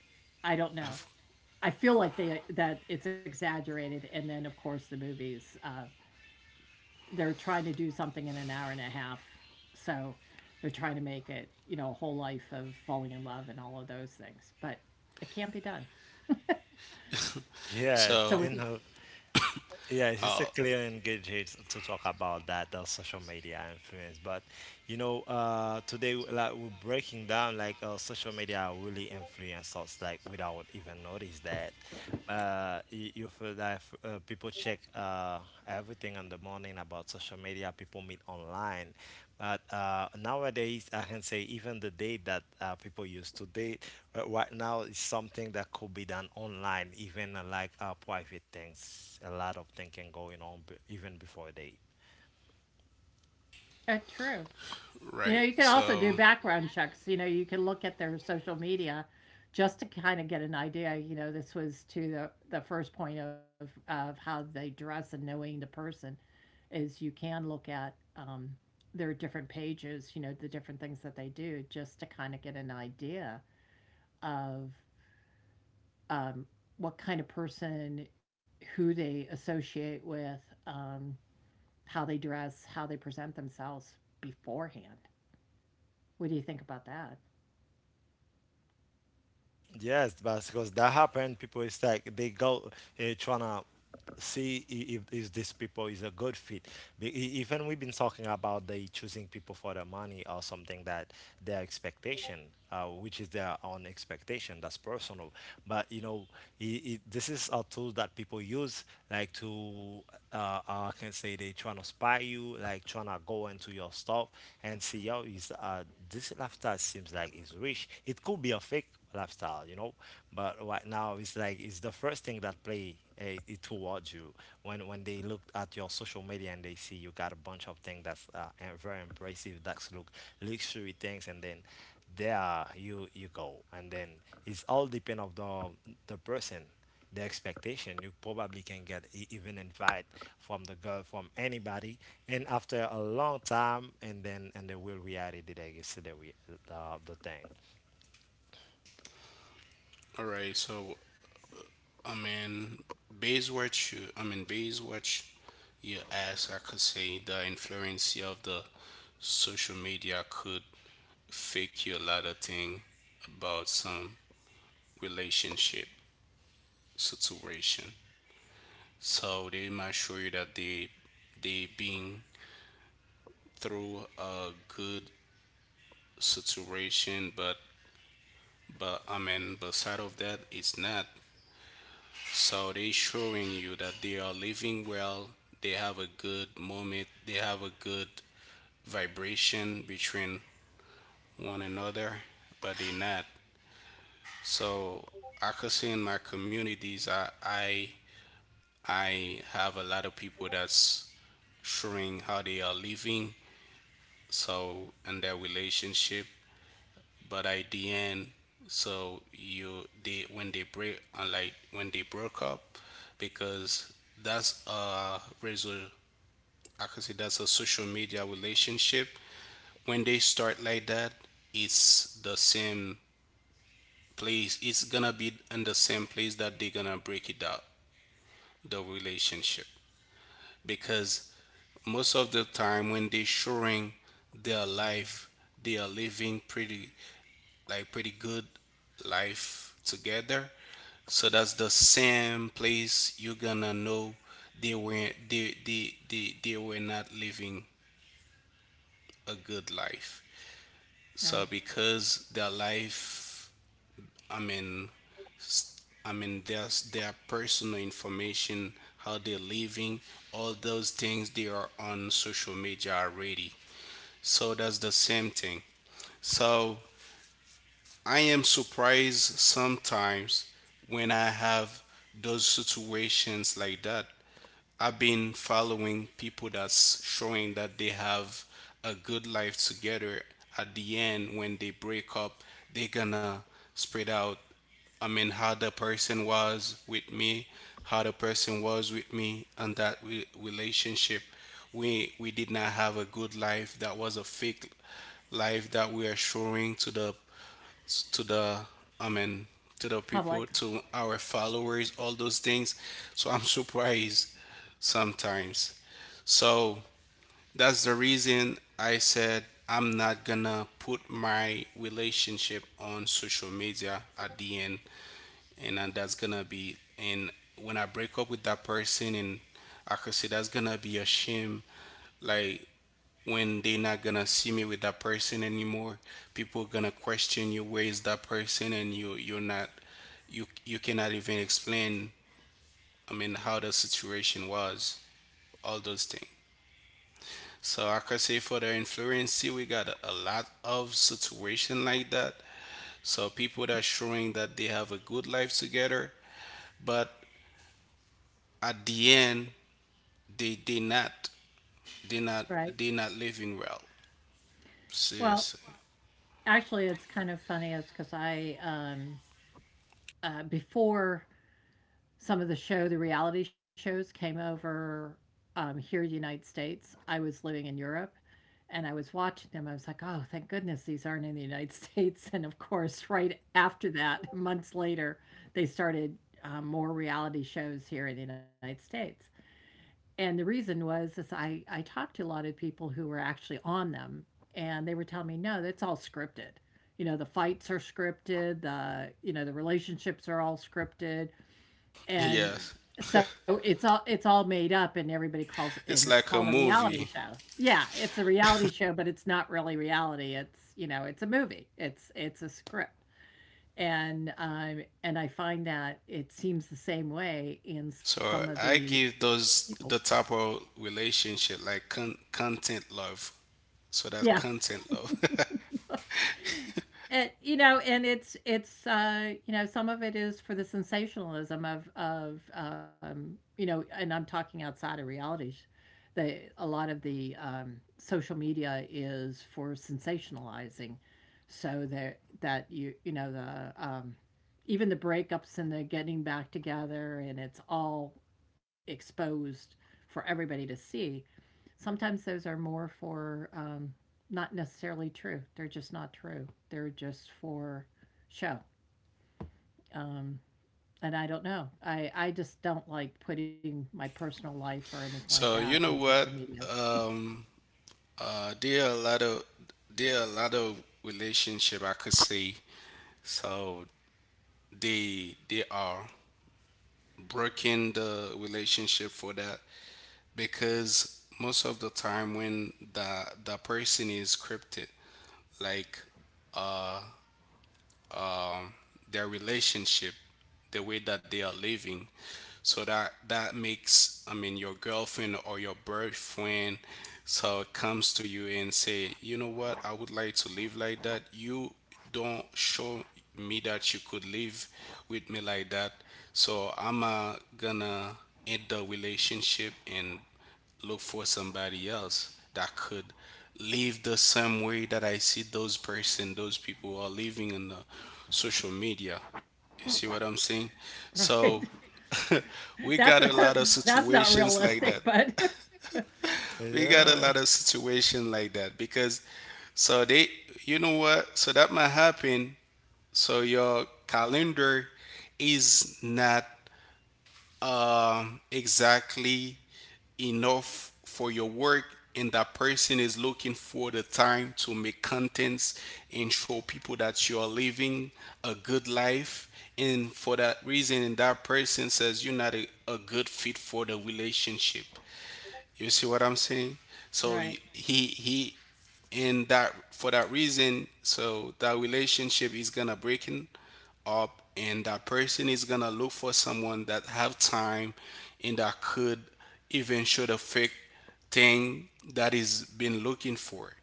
I don't know. Of- I feel like they that it's exaggerated, and then of course the movies, they're trying to do something in an hour and a half, so they're trying to make it you know a whole life of falling in love and all of those things, but it can't be done. So Yes, with So, you know, Yeah, it's just a all clear and good way to talk about that, the social media influence. But today, like we're breaking down like social media really influence us like without even notice that. You feel that people check everything in the morning about social media. People meet online, but nowadays I can say even the date that people used to date right now is something that could be done online, even like private things. A lot of thinking going on even before a date. True. You right. know, you could also do background checks. You know, you could look at their social media just to kind of get an idea. You know, this was to the first point of how they dress and knowing the person is you can look at their different pages. You know, the different things that they do just to kind of get an idea of um, what kind of person, who they associate with, um, how they dress, how they present themselves beforehand. What do you think about that? Yes, but because that happened, people is like they go trying to see if is this people is a good fit. Even we've been talking about they choosing people for their money or something that their expectation, which is their own expectation. That's personal. But I this is a tool that people use like to uh, I can say they trying to spy you, like trying to go into your stuff and see yo is this lifestyle seems like it's rich. It could be a fake lifestyle, but right now it's like it's the first thing that play it towards you when they look at your social media and they see you got a bunch of things that's very impressive that's look luxury things, and then there you go, and then it's all depend of the person, the expectation. You probably can get even invite from the girl, from anybody, and after a long time, and then and they will reality that you see the thing. all right. So, I mean, I mean, based what you asked, I could say the influence of the social media could fake you a lot of thing about some relationship situation. So they might show you that they been through a good situation, but I mean, but side of that, it's not. So they showing you that they are living well. They have a good moment. They have a good vibration between one another, but they not. So I could say in my communities, I have a lot of people that's showing how they are living. So in their relationship, but at the end, so you they when they break like when they broke up, because that's a result. I can say that's a social media relationship. When they start like that, it's the same place. It's gonna be in the same place that they're gonna break it up the relationship because most of the time when they're showing their life they are living pretty like pretty good life together. So that's the same place you're gonna know they were not living a good life. Right. So because their life, I mean, I mean their personal information, how they're living, all those things they are on social media already. So that's the same thing. So I am surprised sometimes when I have those situations like that. I've been following people that's showing that they have a good life together. At the end, when they break up, they're gonna spread out. I mean, how the person was with me, how the person was with me, and that relationship. We did not have a good life. That was a fake life that we are showing to the to the I mean to the people Public, to our followers all those things so I'm surprised sometimes so that's the reason I said I'm not gonna put my relationship on social media at the end and then that's gonna be and when I break up with that person and I could say that's gonna be a shame like when they're not gonna see me with that person anymore people gonna question you where is that person and you you're not you you cannot even explain I mean how the situation was all those things so I could say for the influencer we got a lot of situation like that so people that showing that they have a good life together but at the end they they not right. they not living well Well, seriously actually, it's kind of funny is because before some of the show, the reality shows came over here in the United States, I was living in Europe and I was watching them. I was like, oh, thank goodness these aren't in the United States. And of course, right after that, months later, they started more reality shows here in the United States. And the reason was is I talked to a lot of people who were actually on them, and they were telling me no, that's all scripted. You know, the fights are scripted, the you know the relationships are all scripted. And yes so it's all, it's all made up, and everybody calls and it's it's called a like a reality movie. show. Yeah, it's a reality show, but it's not really reality. It's, you know, it's a movie, it's a script. And and I find that it seems the same way in some of So the I give those people's the type of relationship like content love. So that's yes content love. it, you know, and it's you know some of it is for the sensationalism of you know, and I'm talking outside of realities. The a lot of the social media is for sensationalizing, so that that you know the even the breakups and the getting back together, and it's all exposed for everybody to see. Sometimes those are more for not necessarily true. They're just not true. They're just for show. Um, and I don't know. I just don't like putting my personal life or anything like So that you on know social what? media. Um, there are a lot of there are a lot of relationship I could see. So they are breaking the relationship for that because most of the time when the person is scripted, like um, their relationship, the way that they are living. So that that makes, I mean, your girlfriend or your boyfriend so comes to you and say, you know what, I would like to live like that. You don't show me that you could live with me like that. So I'm gonna end the relationship and look for somebody else that could live the same way that I see those person, those people are living on the social media. You see what I'm saying? So Right. we got a That's lot of a, that's not situations like that. realistic, but We got a Yeah. lot of situation like that because so they you know what? So that might happen. So your calendar is not exactly enough for your work and that person is looking for the time to make contents and show people that you are living a good life and for that reason and that person says you're not a good fit for the relationship you see what I'm saying so right. he and that for that reason so that relationship is gonna break in up and that person is gonna look for someone that have time and that could even show the fake thing that is been looking for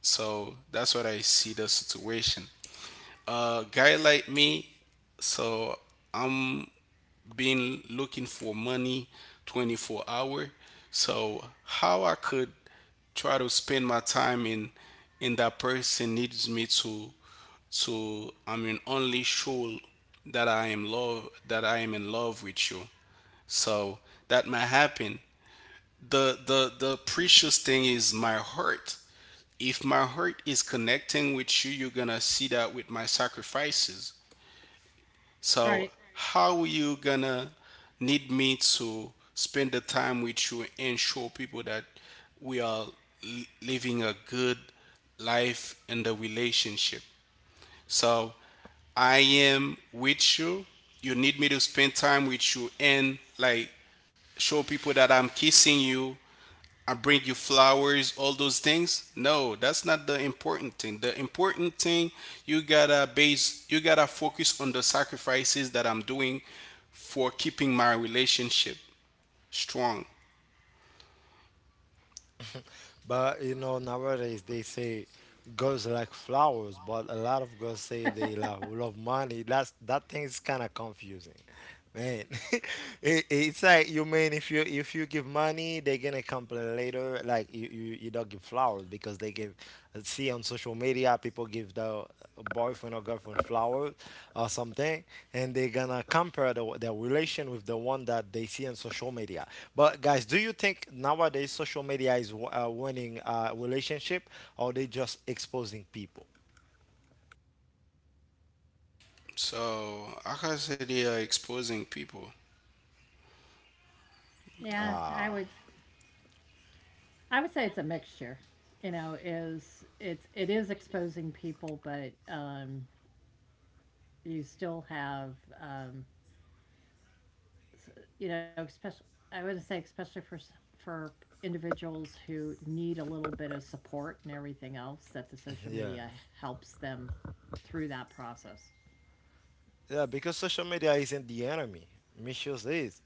so that's what I see the situation. A guy like me, so I'm been looking for money 24 hour, so how I could try to spend my time in that person needs me to. So I mean only show that I am in love with you. So that might happen. The precious thing is my heart. If my heart is connecting with you, you're gonna see that with my sacrifices. So Right. how you gonna need me to spend the time with you and show people that we are living a good life in the relationship. So I am with you. You need me to spend time with you and like show people that I'm kissing you. I bring you flowers, all those things. No, that's not the important thing. The important thing you gotta focus on the sacrifices that I'm doing for keeping my relationship strong. But nowadays they say girls like flowers, but a lot of girls say they love, love money. That's that thing is kind of confusing, man. It's like you mean if you give money, they're gonna complain later. Like you don't give flowers because they give. I see on social media people give the boyfriend or girlfriend flowers or something, and they're gonna compare their relation with the one that they see on social media. But guys, do you think nowadays social media is winning relationship, or they just exposing people? So I can say they are exposing people. Yeah, Uh, I would say it's a mixture. You know, is it's it is exposing people, but you still have um you know, especially I would say especially for individuals who need a little bit of support and everything else that the social yeah, media helps them through that process. yeah, because social media isn't the enemy. Misuse is.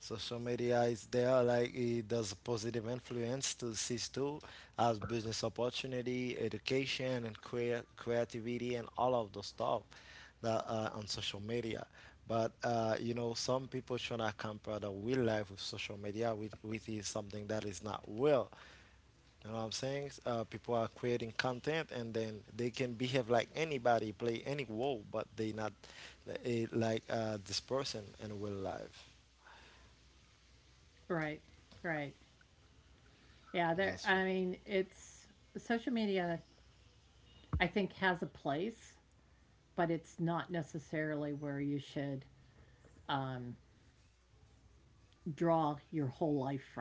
Social media is there, like it does a positive influence to C2 as business opportunity, education, and creativity, and all of the stuff that are on social media. But some people trying to compare the real life with social media, with is something that is not real. You know what I'm saying? People are creating content, and then they can behave like anybody, play any role, but they not like this person in real life. Right. Right. Yeah, there That's I mean, it's social media I think has a place, but it's not necessarily where you should um draw your whole life from.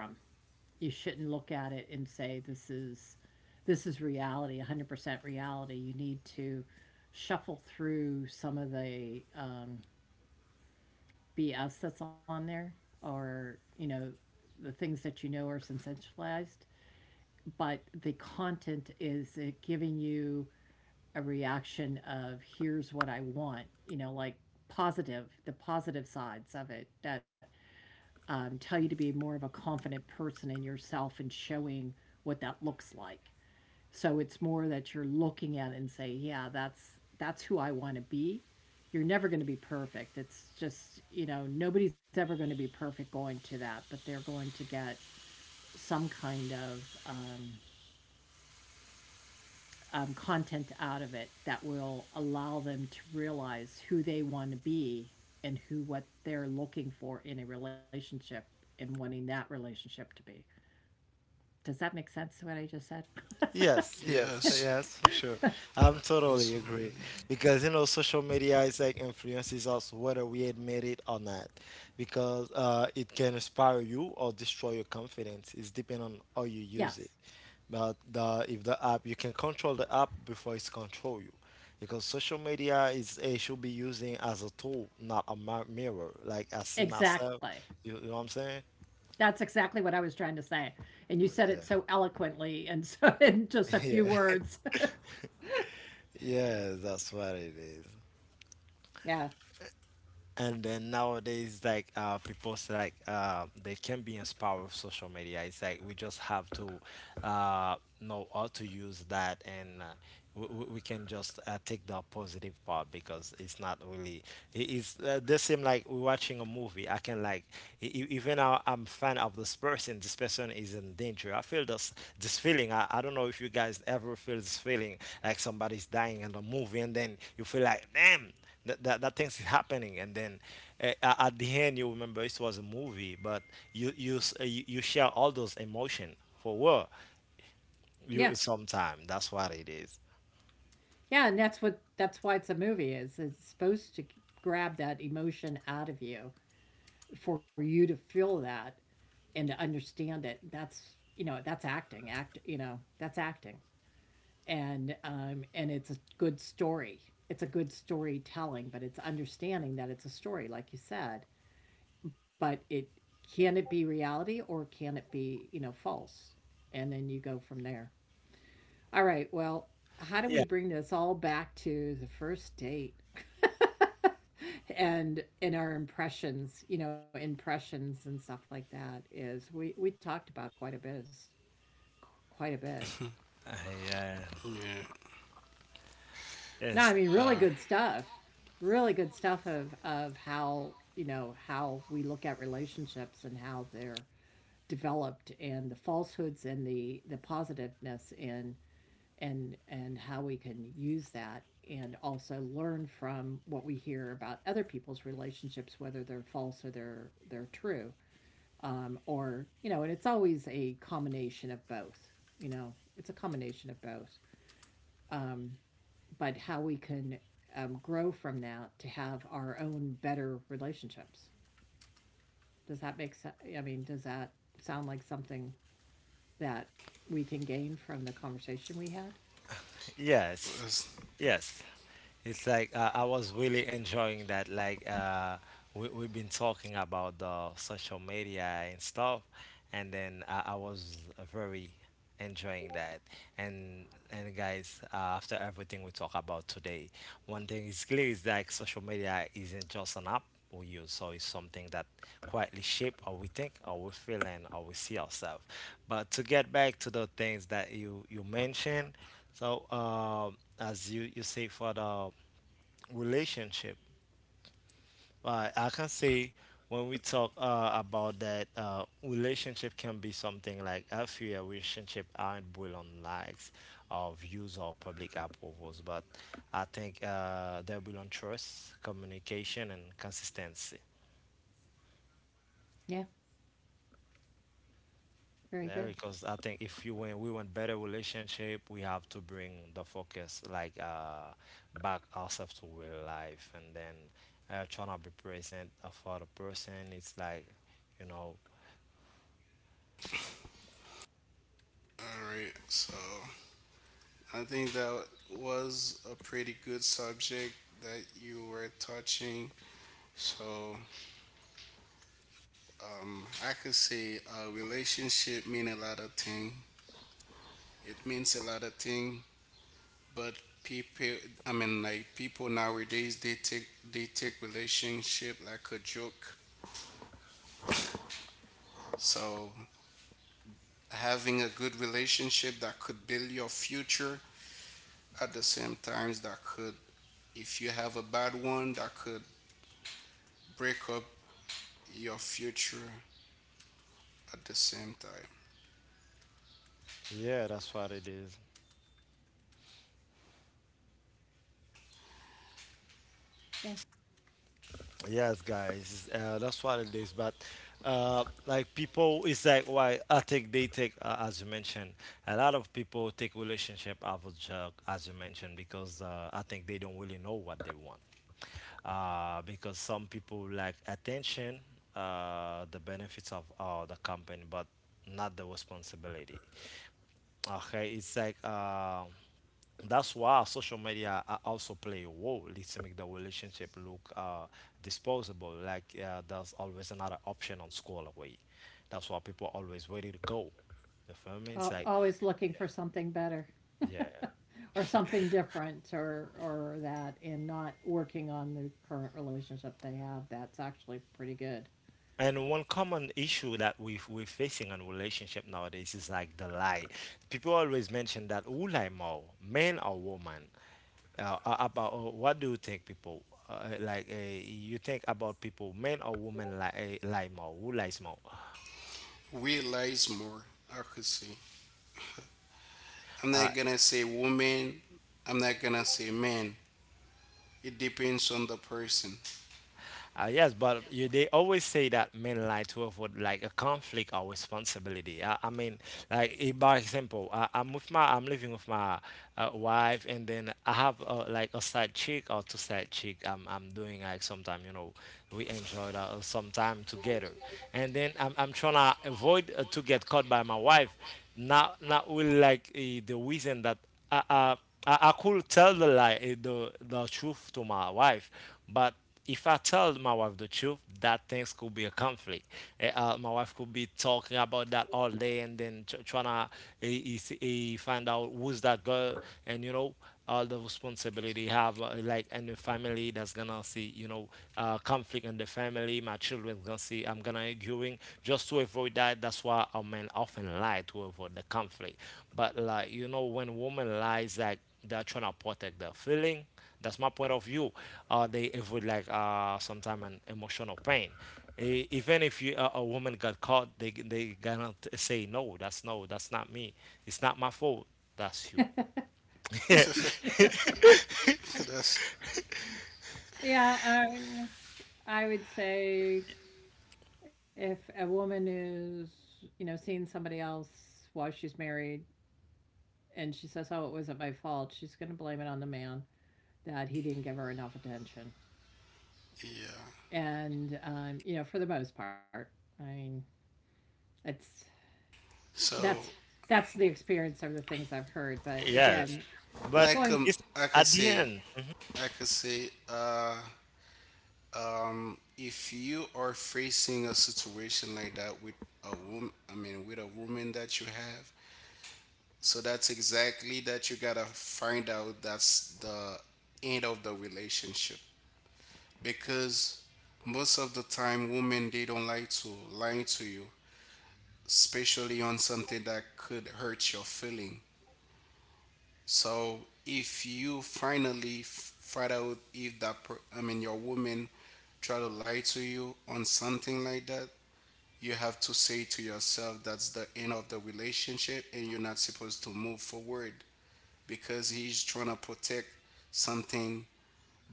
You shouldn't look at it and say this is reality, 100% reality. You need to shuffle through some of the bs that's on there, or you know the things that you know are sensationalized, but the content is it giving you a reaction of here's what I want, you know, like positive, the positive sides of it that tell you to be more of a confident person in yourself and showing what that looks like. So it's more that you're looking at it and say, yeah, that's who I want to be. You're never going to be perfect. It's just, you know, nobody's ever going to be perfect going to that, but they're going to get some kind of content out of it that will allow them to realize who they want to be, and who what they're looking for in a relationship, and wanting that relationship to be. Does that make sense to what I just said? Yes, yes, Yes. yes, for sure. I'm That's- totally agree because you know social media is like influences us whether we admit it or not, because it can inspire you or destroy your confidence. It's depending on how you Yes, use it. But the if the app you can control the app before it's control you, because social media is it should be using as a tool, not a mirror. Like I see myself, exactly. You know what I'm saying? That's exactly what I was trying to say. And you said it Yeah, so eloquently and so in just a few yeah, words. yeah. That's what it is. Yeah. And then nowadays, like people say, like they can be inspired with social media. It's like we just have to uh, know how to use that, and we can just take the positive part because it's not really. It is the same like we're watching a movie. I can like even I'm fan of this person. This person is in danger. I feel this feeling. I, don't know if you guys ever feel this feeling like somebody's dying in the movie, and then you feel like damn that things is happening. And then at the end you remember it was a movie, but you you share all those emotion for what Yeah. you sometime That's what it is. Yeah, and that's what, that's why it's a movie, is it's supposed to grab that emotion out of you, for you to feel that and to understand it. That's, you know, that's acting. Act, you know, that's acting. And and it's a good story. It's a good storytelling, but it's understanding that it's a story, like you said. But it, can it be reality or can it be you know false? And then you go from there. All right. Well, how do we Yeah. bring this all back to the first date and in our impressions? You know, impressions and stuff like that is we talked about quite a bit. Is quite a bit. Yeah. yeah. No, I Yes. mean really good stuff. Really good stuff of how, you know, how we look at relationships and how they're developed, and the falsehoods and the positiveness and how we can use that, and also learn from what we hear about other people's relationships, whether they're false or they're true. Or, you know, and it's always a combination of both, you know. It's a combination of both. Um, but how we can grow from that to have our own better relationships. Does that make sense? I mean, does that sound like something that we can gain from the conversation we had? Yes, That's- yes. It's like I was really enjoying that. Like we've been talking about the social media and stuff, and then I was very enjoying that. And guys, after everything we talk about today, one thing is clear is like social media isn't just an app or use. So it's something that quietly shape how we think, how we feel, and how we see ourselves. But to get back to the things that you mentioned, so as you say for the relationship, I can say when we talk about that relationship can be something like a few relationship aren't built on likes or views or public approvals, but I think they're built on trust, communication and consistency. Yeah, very Yeah, good. because I think if you want, we want better relationship, we have to bring the focus like back ourselves to real life, and then trying to be present for the person. It's like, you know, all right. So I think that was a pretty good subject that you were touching. So I could say a relationship mean a lot of thing. It means a lot of thing, but people, I mean, like people nowadays, they take relationship like a joke. So having a good relationship that could build your future at the same times that could, if you have a bad one, that could break up your future at the same time. yeah, that's what it is. Yeah, Yes, guys, that's what it is. But like people, it's like why I take they take as you mentioned. A lot of people take relationship average job, as you mentioned, because I think they don't really know what they want. Because some people like attention, the benefits of the company, but not the responsibility. Okay, it's like that's why social media a- also play a role. Let's make the relationship look disposable. Like there's always another option on scroll away. That's why people always ready to go. You feel me? It's like always looking for something better. yeah. Or something different or that, and not working on the current relationship they have, that's actually pretty good. And one common issue that we're facing in relationship nowadays is like the lie. People always mention that who lie more, men or woman? A- about what do you think, people? Uh, like uh, you think about people, men or women lie, lie more? Who lies more? Realize more accuracy. I'm Uh, not gonna say woman, I'm not gonna say man. It depends on the person. Yes, but you, they always say that men lie to avoid like a conflict or responsibility. I mean, like by example, I'm with my, I'm living with my wife, and then I have like a side chick or two side chick. I'm doing like sometime, you know, we enjoy that, some time together, and then I'm trying to avoid to get caught by my wife. Not not really like the reason that I, I, I could tell the lie, the truth to my wife, but if I tell my wife the truth, that things could be a conflict. My wife could be talking about that all day, and then trying to find out who's that girl, and you know all the responsibility have like in the family, that's gonna see, you know, conflict in the family, my children gonna see, I'm gonna arguing just to avoid that. That's why a man often lie to avoid the conflict. But like, you know, when woman lies, like they're trying to protect their feeling. That's my point of view. They avoid like sometimes an emotional pain. Even if a woman got caught, they gonna say no, that's no, that's not me. It's not my fault. That's you. That's Yeah, um, I would say if a woman is, you know, seeing somebody else while she's married, and she says, "Oh, it wasn't my fault," she's going to blame it on the man that he didn't give her enough attention. yeah. And you know, for the most part, I mean, it's that's So that's the experience of the things I've heard. But Yes, again, but like going it's I at could the say end. I could say uh if you are facing a situation like that with a woman I mean with a woman that you have, so that's exactly that you gotta find out that's the end of the relationship. Because most of the time women they don't like to lie to you especially on something that could hurt your feeling so if you finally find out if that I mean your woman try to lie to you on something like that you have to say to yourself that's the end of the relationship and you're not supposed to move forward because he's trying to protect something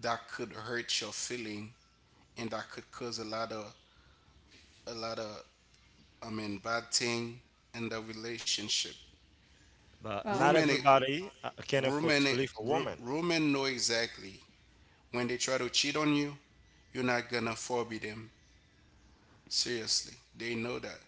that could hurt your feeling and that could cause a lot of I mean, bad thing in the relationship. But well, not Women, everybody can afford women, to leave a wo- woman. women know exactly when they try to cheat on you, you're not gonna forbid them. Seriously, they know that.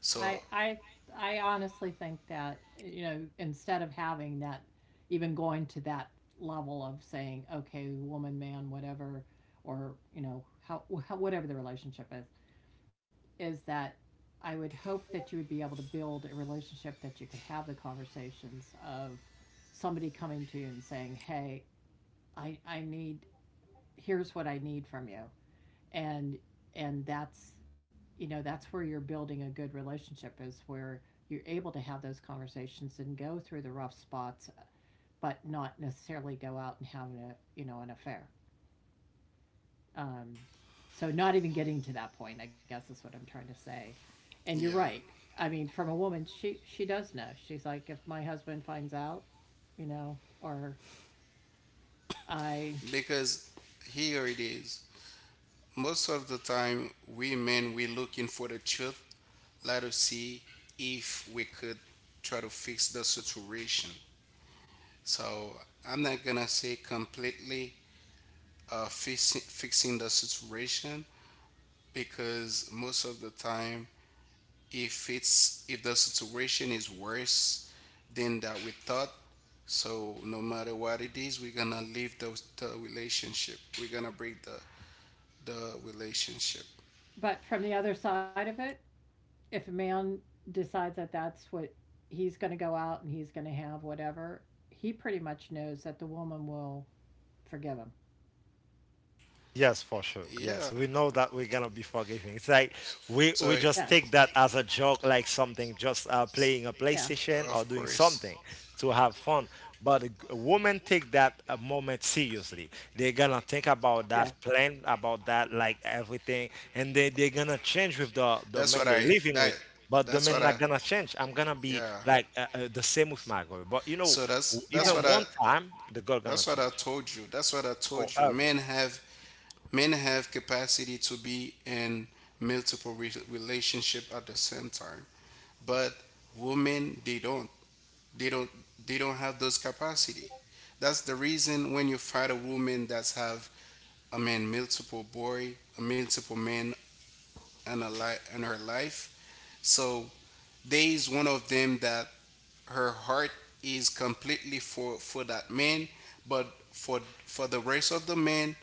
I So I I honestly think that you know, instead of having that, even going to that level of saying okay woman man whatever, or you know how whatever the relationship is that I would hope that you would be able to build a relationship that you could have the conversations of somebody coming to you and saying hey I need here's what I need from you, and and that's, you know, that's where you're building a good relationship, is where you're able to have those conversations and go through the rough spots, but not necessarily go out and have a you know an affair. um, so not even getting to that point, I guess, is what I'm trying to say. And you're yeah, right, I mean from a woman, she does know, she's like if my husband finds out, you know, or I, because here it is. Most of the time, we men we looking for the truth. Let us see if we could try to fix the situation. So I'm not gonna say completely fixing the situation because most of the time if it's if the situation is worse than that we thought so no matter what it is we're gonna leave those the relationship we're gonna break the relationship. but from the other side of it, if a man decides that that's what he's going to go out and he's going to have whatever, he pretty much knows that the woman will forgive him. Yes, for sure. Yes, Yeah. we know that we're gonna be forgiving. It's like we So, Yeah, just take that as a joke, like something just playing a yeah, PlayStation or of doing course, something to have fun. But a woman take that a moment seriously. They're gonna think about that, yeah, plan about that, like everything, and they they're gonna change with the that's man what they're I living that with. But the that's man what I not gonna change. I'm gonna be yeah. like the same with my girl. But you know, So yeah. Even one time, the girl gonna that's what I change told you. That's what I told you. forever. Men have capacity to be in multiple relationship at the same time, but women they don't. They don't. They don't have those capacity. That's the reason when you find a woman that's have I mean a multiple men in in her life. So there is one of them that her heart is completely for that man, but for the rest of the men,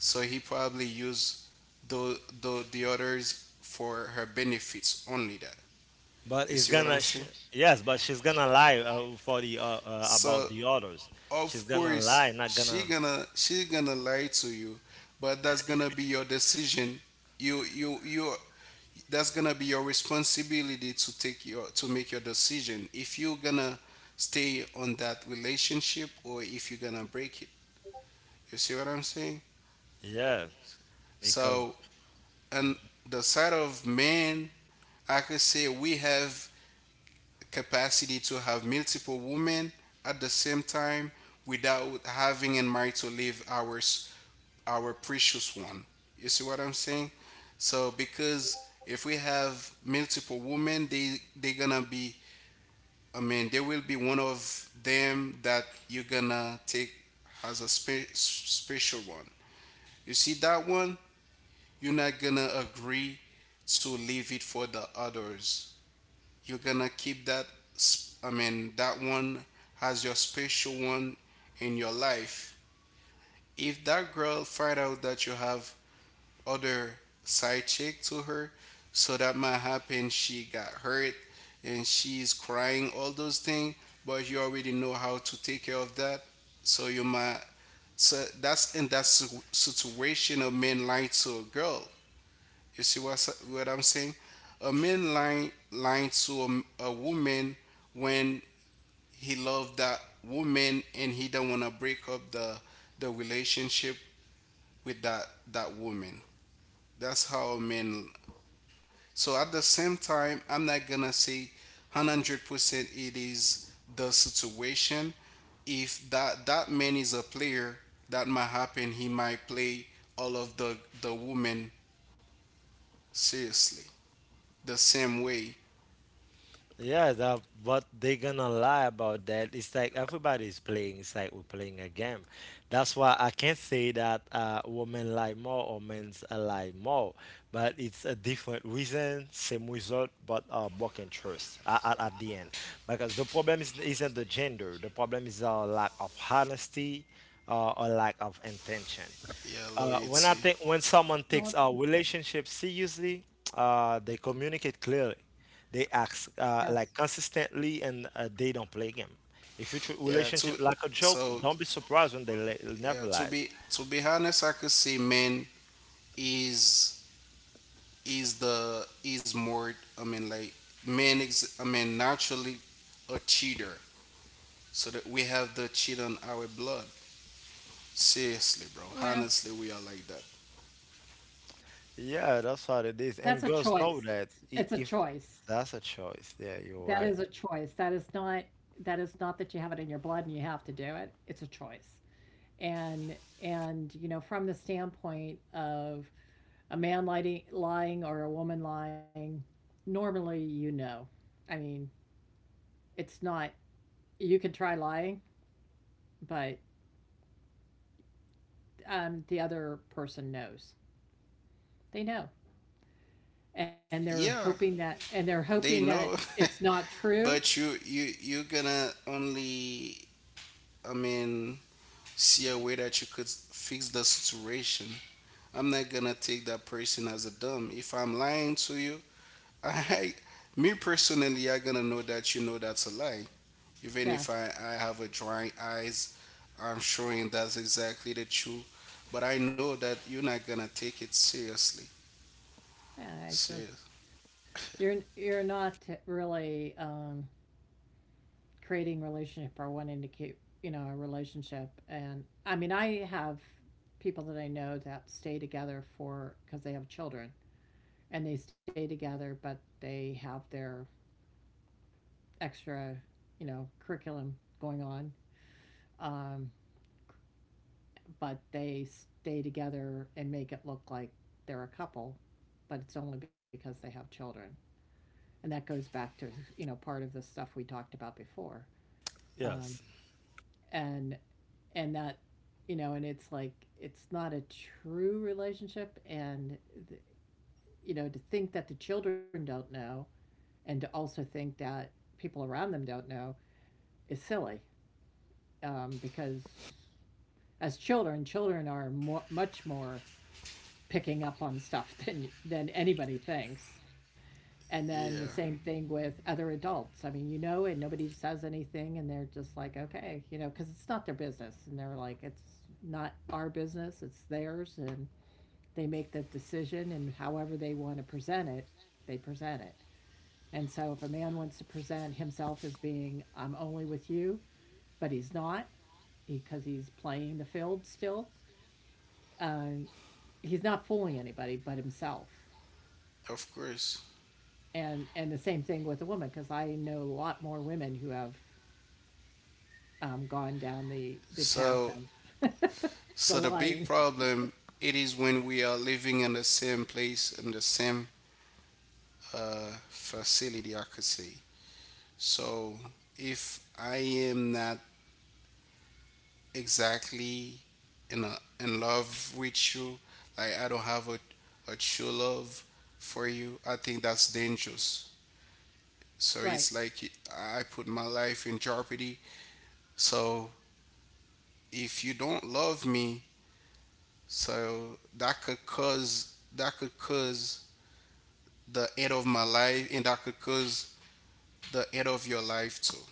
so he probably used the others for her benefits only that. But You it's see what I'm gonna, sh saying? Yes, but she's gonna lie for the about So the others. of She's gonna lie, course not gonna, she gonna lie to you, but that's gonna be your decision. You that's gonna be your responsibility to make your decision if you're gonna stay on that relationship or if you're gonna break it. You see what I'm saying? yeah, because So and the side of men, I could say we have capacity to have multiple women at the same time without having in mind to leave our precious one. You see what I'm saying? So because if we have multiple women, they gonna be. I mean, there will be one of them that you're gonna take as a special one. You see that one? You're not gonna agree to leave it for the others. You're gonna keep that. That one as your special one in your life. If that girl find out that you have other side chick to her, so that might happen. She got hurt and she's crying. All those things, but you already know how to take care of that. So you might. So that's in situation, a man lying to a girl. You see what I'm saying? A man lying to a woman when he loved that woman and he don't want to break up the relationship with that woman. That's how men. So at the same time, I'm not gonna say 100% it is the situation. If that man is a player, that might happen. He might play all of the women seriously the same way. yeah, that but they gonna lie about that. It's like everybody's playing. It's like we're playing a game. That's why I can't say that women lie more or men lie more, but it's a different reason, same result, but back and trust at the end. Because the problem is isn't the gender. The problem is our lack of honesty, or lack of intention. Yeah, When I loyalty. think when someone Well, takes it's our relationship seriously, they communicate clearly, they act yes. like consistently, and they don't play game. If you treat yeah relationship to like a joke, so don't be surprised when they never yeah, lies. To be honest, I could say men is is the is more, i mean like men is, I mean, naturally a cheater. So that we have the cheat on our blood. Seriously, bro, Well, honestly, we are like that. Yeah, that's how it is. And that's a girls know choice. that It's a if choice. that's a choice. Yeah, That you're is a right. choice. That is not that you have it in your blood and you have to do it. It's a choice. And and you know, from the standpoint of a man lying or a woman lying, normally you know. I mean, it's not you can try lying, but the other person knows. They know, and they're hoping Yeah, they that know. it's not true. But you're gonna only, i mean see a way that you could fix the situation. I'm not gonna take that person as a dumb. If I'm lying to you, I me personally, I gonna know that you know that's a lie. Even Yeah, if I have a dry eyes, I'm showing that's exactly the truth. But I know that you're not gonna take it seriously. yeah. It's just Serious. you're you're not really creating relationship or wanting to keep you know a relationship. And I mean, I have people that I know that stay together for because they have children and they stay together, but they have their extra you know curriculum going on. Um, but they stay together and make it look like they're a couple, but it's only because they have children. And that goes back to, you know, part of the stuff we talked about before. Um, Yes. and, and that, you know, and it's like, it's not a true relationship. And, you know, to think that the children don't know and to also think that people around them don't know is silly because as children, children are much more picking up on stuff than anybody thinks. And then the Yeah, same thing with other adults. I mean, you know, and nobody says anything, and they're just like, okay, you know, because it's not their business, and they're like, it's not our business, it's theirs, and they make that decision, and however they want to present it, they present it. And so, if a man wants to present himself as being, I'm only with you, but he's not because he's playing the field still, um, he's not fooling anybody but himself. of course. And the same thing with a woman because I know a lot more women who have gone down the path So of so the the big lying. problem it is when we are living in the same place, in the same facility, I could say. So if I am not exactly in in love with you. Like I don't have a true love for you. I think that's dangerous. So Right, it's like I put my life in jeopardy. So if you don't love me, so that could cause the end of my life, and that could cause the end of your life too.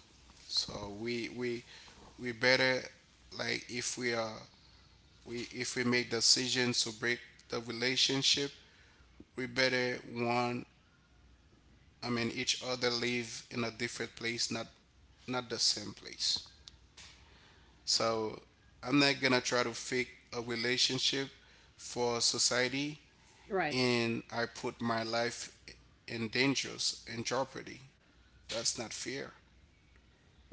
So we we better, like if we are, we if we make decisions to break the relationship, we better one, I mean, each other live in a different place, not not the same place. So I'm not gonna try to fake a relationship for society right. and I put my life in dangers, in jeopardy. That's not fair.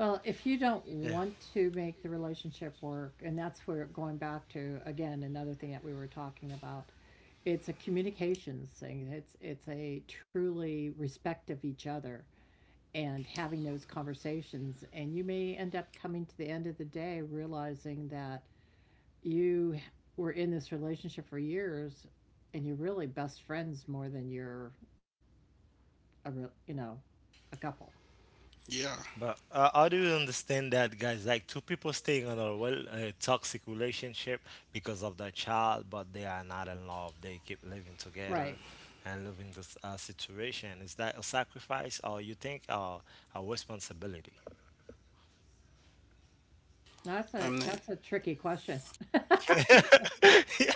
Well, if you don't Yeah. want to make the relationship work, and that's where going back to again another thing that we were talking about, it's a communications thing. It's a truly respect of each other and having those conversations, and you may end up coming to the end of the day realizing that you were in this relationship for years and you're really best friends more than you're a you know a couple. Yeah But I do understand that, guys. Like two people staying in a well a toxic relationship because of their child, but they are not in love. They keep living together Right, and living this situation. Is that a sacrifice, or you think a responsibility? that's a I'm not tricky question. I Yeah.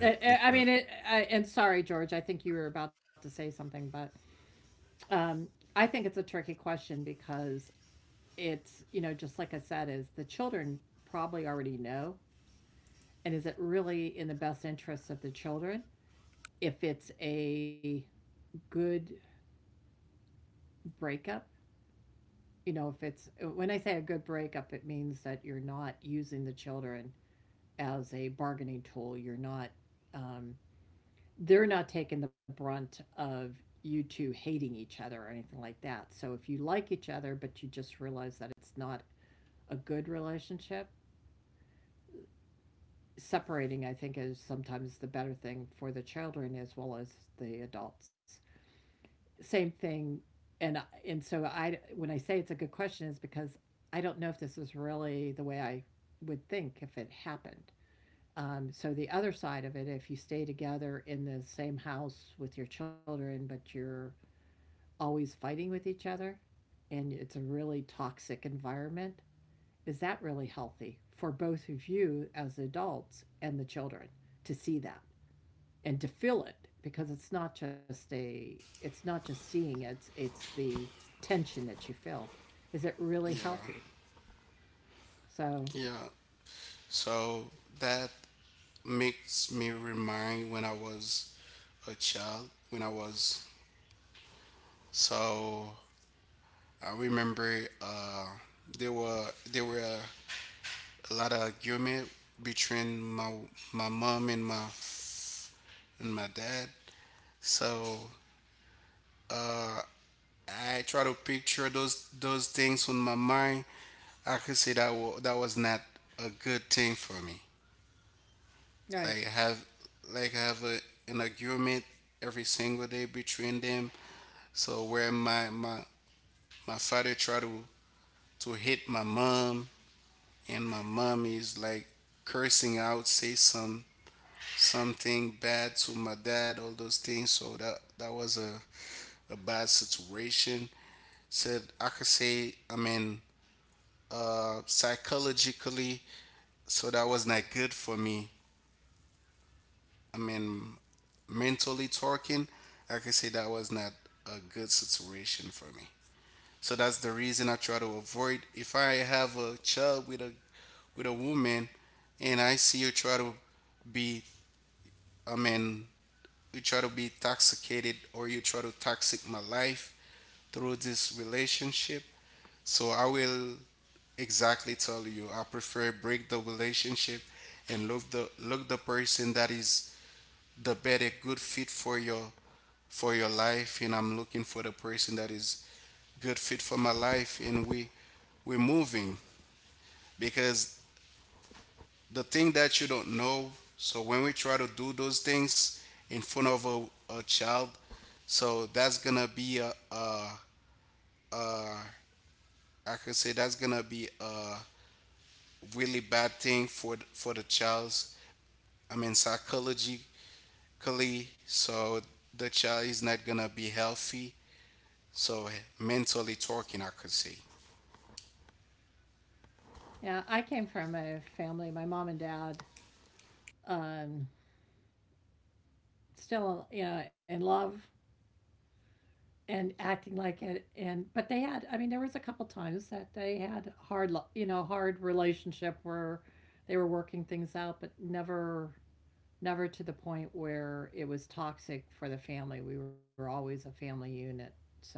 Because and sorry, George, I think you were about to say something, but um, I think it's a tricky question because it's, you know, just like I said, is the children probably already know. And is it really in the best interests of the children if it's a good breakup, you know, if it's when I say a good breakup, it means that you're not using the children as a bargaining tool. You're not, um, they're not taking the brunt of you two hating each other or anything like that. So if you like each other, but you just realize that it's not a good relationship, separating, I think, is sometimes the better thing for the children as well as the adults. Same thing. And and so I when I say it's a good question is because I don't know if this is really the way I would think if it happened. So the other side of it, if you stay together in the same house with your children but you're always fighting with each other and it's a really toxic environment, is that really healthy for both of you as adults and the children to see that and to fill it, because it's not just a it's not just seeing it, it's the tension that you feel. Is it really yeah healthy? So Yeah. So that makes me remind when I was a child, when I was, so I remember, there were there were a, a lot of argument between my mom and my dad. So uh, I try to picture those things on my mind. I could say that that was not a good thing for me. right. Like have, like have an argument every single day between them. So where my father try to hit my mom, and my mom is like cursing out, say something bad to my dad, all those things. So that was a bad situation. Said I could say, I mean, psychologically, so that was not good for me. I mean, mentally talking, I could say that was not a good situation for me. So that's the reason I try to avoid. If I have a child with a woman, and I see you try to be, I mean, you try to be intoxicated or you try to toxic my life through this relationship. So I will exactly tell you I prefer break the relationship and look the person that is the better good fit for your life, and I'm looking for the person that is good fit for my life, and we're moving. Because the thing that you don't know, so when we try to do those things in front of a child, so that's gonna be a uh, I could say that's gonna be a really bad thing for for the child. I mean, psychologically, so the child is not gonna be healthy. So mentally talking, I could say. Yeah, I came from a family, my mom and dad, um, still you know, in love and acting like it, and but they had, I mean there was a couple times that they had hard you know hard relationship where they were working things out, but never to the point where it was toxic for the family. We were always a family unit. So,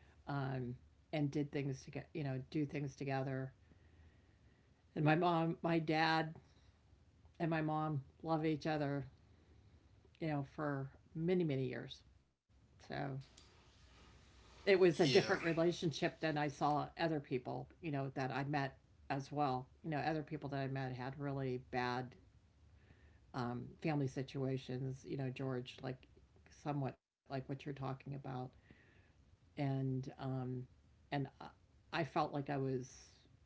um, and did things to get, you know, do things together. And my mom, my dad, and my mom love each other, you know, for many, many years. So it was a different Yeah, relationship than I saw other people, you know, that I met as well. You know, other people that I met had really bad family situations, you know, George, like somewhat like what you're talking about, and um, and felt like I was,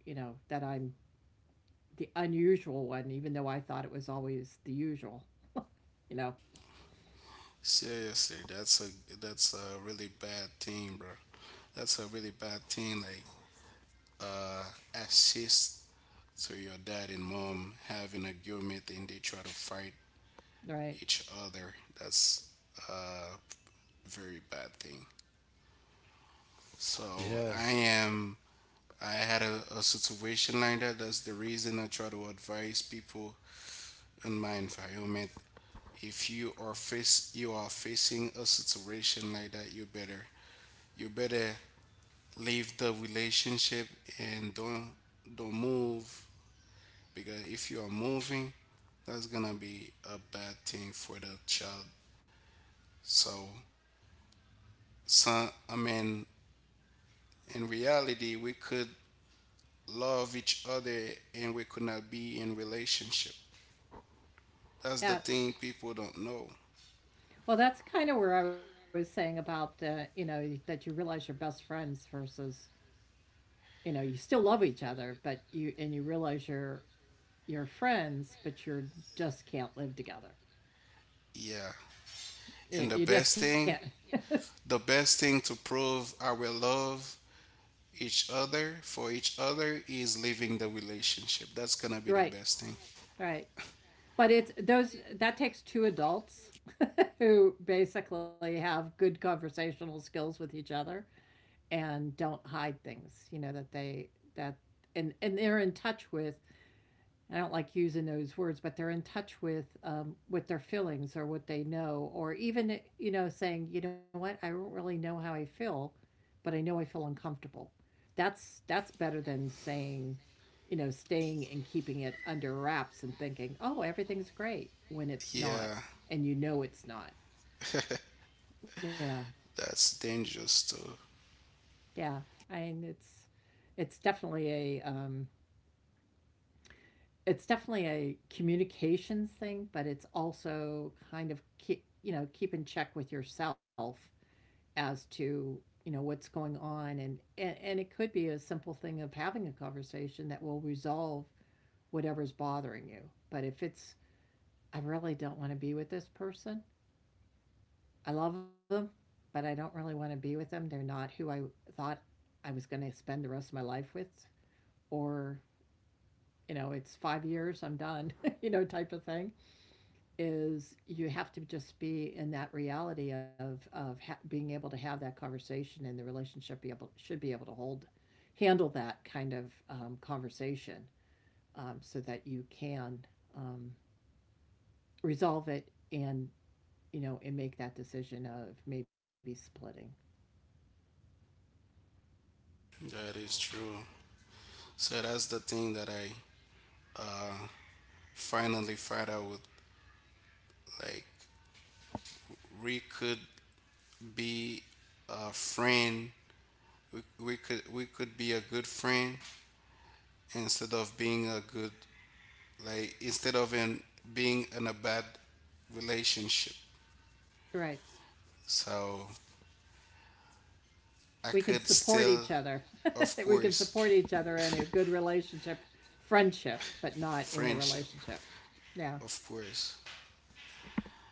you know, that I'm the unusual one, even though I thought it was always the usual, you know, seriously, that's a really bad thing, bro. That's a really bad thing. Like, uh, assist to your dad and mom having argument and they try to fight right? each other. That's a very bad thing. So I yes, am. I had a situation like that. That's the reason I try to advise people in my environment. If you are face, you are facing a situation like that, you better you better leave the relationship and don't move. Because if you are moving, that's gonna be a bad thing for the child. So, so I mean, in reality, we could love each other and we could not be in relationship. That's the Yeah. thing people don't know. Well, that's kind of where I was saying about, you know, that you realize you're best friends versus, you know, you still love each other, but you, and you realize you're friends, but you're just can't live together. Yeah. And You just can't. The best thing to prove our love each other for each other is leaving the relationship. That's gonna be the Right. best thing. Right. But it's those, that takes two adults who basically have good conversational skills with each other and don't hide things, you know, that they that and they're in touch with, I don't like using those words, but they're in touch with their feelings or what they know, or even you know saying, you know what, I don't really know how I feel, but I know I feel uncomfortable. That's better than saying, you know, staying and keeping it under wraps and thinking, "Oh, everything's great," when it's not, Yeah, and you know it's not. Yeah. that's dangerous too. Yeah. I mean, it's definitely a um it's definitely a communications thing, but it's also kind of keep, you know, keep in check with yourself as to, you know, what's going on, and it could be a simple thing of having a conversation that will resolve whatever's bothering you. But if it's, I really don't want to be with this person, I love them, but I don't really want to be with them. They're not who I thought I was going to spend the rest of my life with, or, you know, it's 5 years, I'm done, you know, type of thing, is you have to just be in that reality of being able to have that conversation, and the relationship be able, should be able to hold, handle that kind of conversation so that you can um, resolve it and you know, and make that decision of maybe splitting. That is true. So that's the thing that I, uh, finally find out with, like we could be a friend, we could be a good friend instead of being a good, like instead of in being in a bad relationship. Right. So We I can could support each still, other. of We can course, support each other in a good relationship, friendship, but not in a friendship, relationship. Yeah. of course,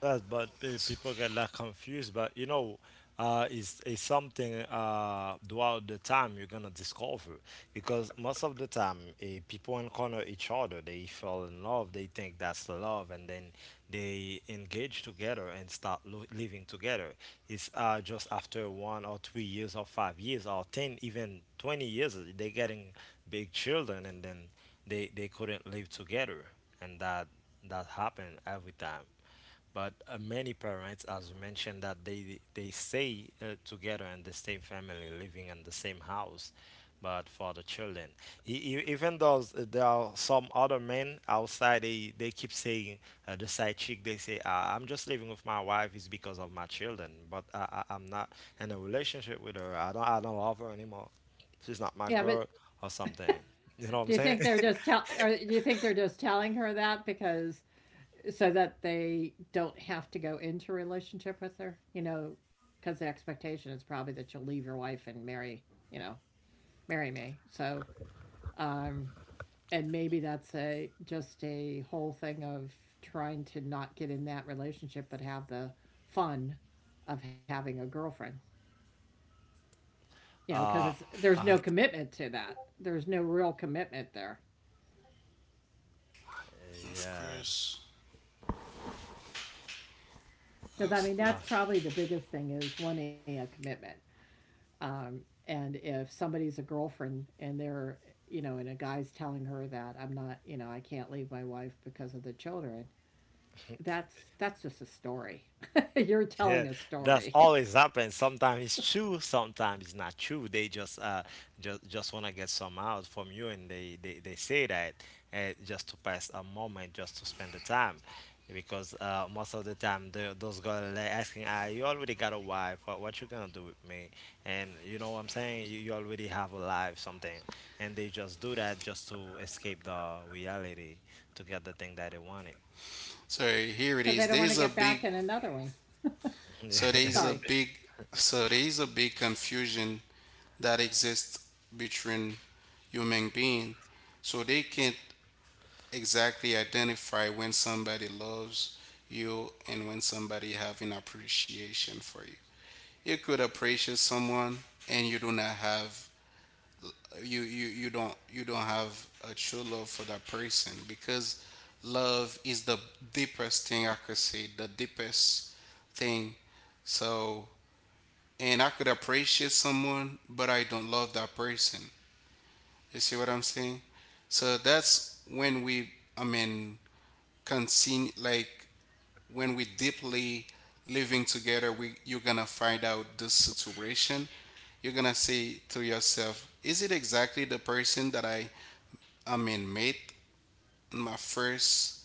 that, but people get that confused. But you know, it's something throughout the time you're gonna discover, because most of the time people encounter each other, they fall in love, they think that's love, and then they engage together and start living together. It's just after 1 or 3 years or 5 years or 10, even 20 years, they're getting big children, and then they couldn't live together, and that that happened every time. But many parents, as you mentioned, that they stay together in the same family, living in the same house, but for the children, even though there are some other men outside, they keep saying the side chick, they say, "I'm just living with my wife is because of my children, but I'm not in a relationship with her. I don't love her anymore. She's not Yeah, my but girl or something." You know what do I'm you saying? think they're just tell, or do you think they're just telling her that because so that they don't have to go into a relationship with her? You know, because the expectation is probably that you'll leave your wife and marry, you know, marry me. So, um, and maybe that's a just a whole thing of trying to not get in that relationship but have the fun of having a girlfriend, you know, because uh, it's there's uh, no commitment to that, there's no real commitment there, of yeah, course, because I mean of that's but. course. probably the biggest thing is wanting a commitment. um, and if somebody's a girlfriend, and they're you know, and a guy's telling her that I'm not, you know, I can't leave my wife because of the children, that's just a story. You're Yeah, telling a that's story always happens. Sometimes it's true, sometimes it's not true. They just wanna get some out from you, and they say that just to pass a moment, just to spend the time, because most of the time the, those girls are like asking, "Ah, you already got a wife. What you gonna do with me?" And you know what I'm saying? You already have a life, something, and they just do that just to escape the reality to get the thing that they wanted. Sorry, because I here don't it want to is, get there's back a in big, another one. Sorry, there's a big, there's a big confusion that exists between human beings. So they can't exactly identify when somebody loves you and when somebody have an appreciation for you. You could appreciate someone and you do not have, you don't have a true love for that person. Because love is the deepest thing, I could say, the deepest thing. So and I could appreciate someone but I don't love that person. You see what I'm saying? So that's when we, I mean, continue. Like when we deeply living together, we, you're gonna find out this situation. You're gonna say to yourself, is it exactly the person that met in my first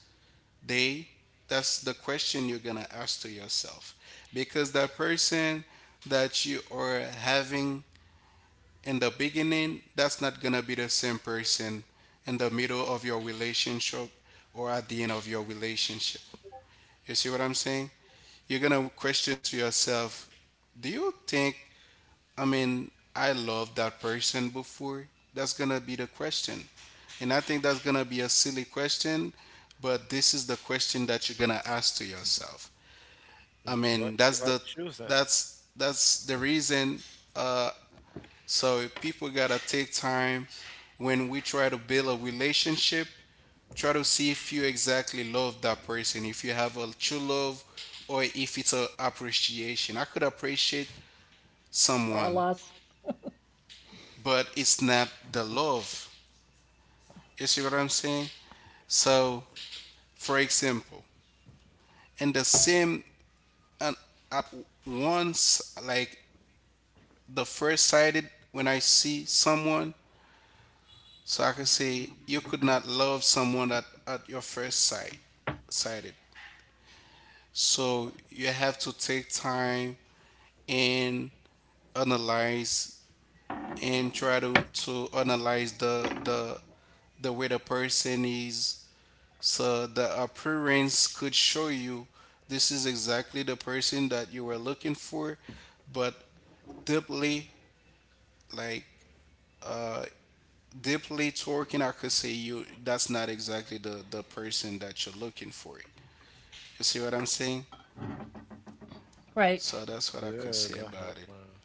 day? That's the question you're gonna ask to yourself. Because that person that you are having in the beginning, that's not gonna be the same person in the middle of your relationship or at the end of your relationship. You see what I'm saying? You're gonna question to yourself, do you think, I mean, I loved that person before? That's gonna be the question. And I think that's gonna be a silly question, but this is the question that you're gonna ask to yourself. I But mean, you that's are the, choosing. That's the reason, uh so people gotta take time. When we try to build a relationship, try to see if you exactly love that person, if you have a true love, or if it's a appreciation. I could appreciate or someone, lost. but it's not the love. You see what I'm saying? So for example, in the same and at once, like the first sighted when I see someone. So I can say you could not love someone at, your first sight sighted. So you have to take time and analyze and try to analyze the way the person is. So the appearance could show you this is exactly the person that you were looking for, but deeply, like, uh deeply talking, I could say you that's not exactly the person that you're looking for. You see what I'm saying? Right. So that's what I could Yeah, say that about it. happened.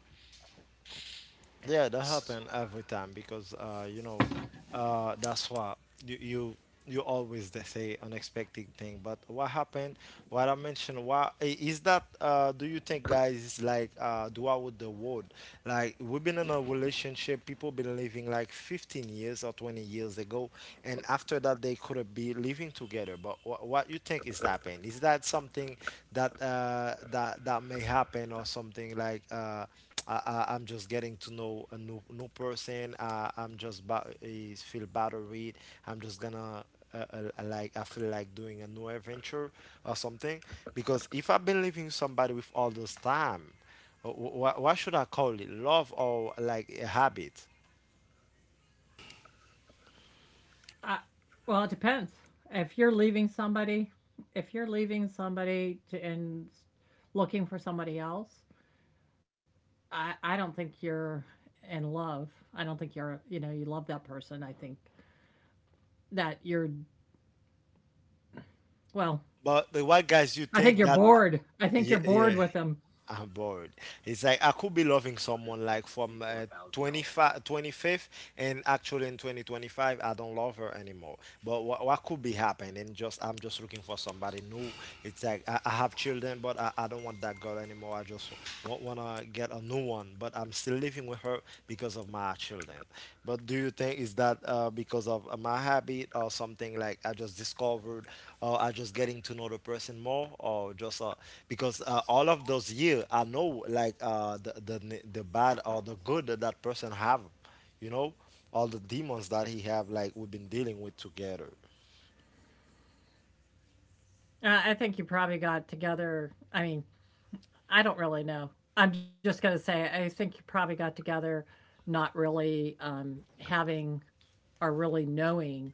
Yeah, that S- happen every time because you know, that's why you you you always they say unexpected thing. But what happened? What I mentioned? What is that? Do you think guys is like do out with the world? Like we've been in a relationship, people been living like 15 years or 20 years ago, and after that they couldn't be living together. But wha what you think is happening? Is that something that that that may happen or something like? I I'm just getting to know a new person. I'm just is feel better with. I'm just gonna like I feel like doing a new adventure or something. Because if I've been living somebody with all this time, what should I call it? Love or like a habit? Uh, Well, it depends. If you're leaving somebody, if you're leaving somebody to, and looking for somebody else, I don't think you're in love. I don't think you're, you know, you love that person. I think that you're, well, But the white guys, you I think think you're that bored. I think yeah you're yeah bored with them. I'm bored. It's like I could be loving someone like from 25, 25th, and actually in 2025, I don't love her anymore. But what could be happening? Just I'm just looking for somebody new. It's like I have children, but I don't want that girl anymore. I just want to get a new one. But I'm still living with her because of my children. But do you think is that because of my habit or something like I just discovered or I just getting to know the person more or just because all of those years I know like the the bad or the good that that person have, you know, all the demons that he have like we've been dealing with together. I think you probably got together. I mean, I don't really know. I'm just going to say, I think you probably got together not really having or really knowing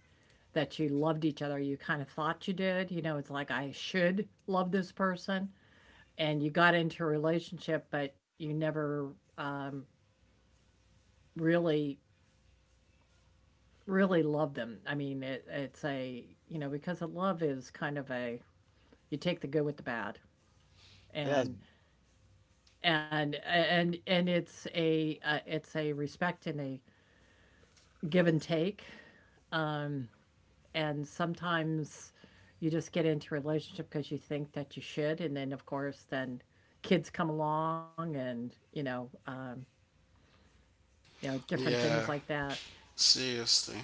that you loved each other. You kind of thought you did. You know, it's like, I should love this person. And you got into a relationship, but you never um, really, really loved them. I mean, it's a, you know, because of love is kind of a, you take the good with the bad. Yes, And, and it's a respect and a give and take. Um, and sometimes you just get into a relationship because you think that you should. And then, of course, then kids come along and, you know, different yeah, things like that. seriously.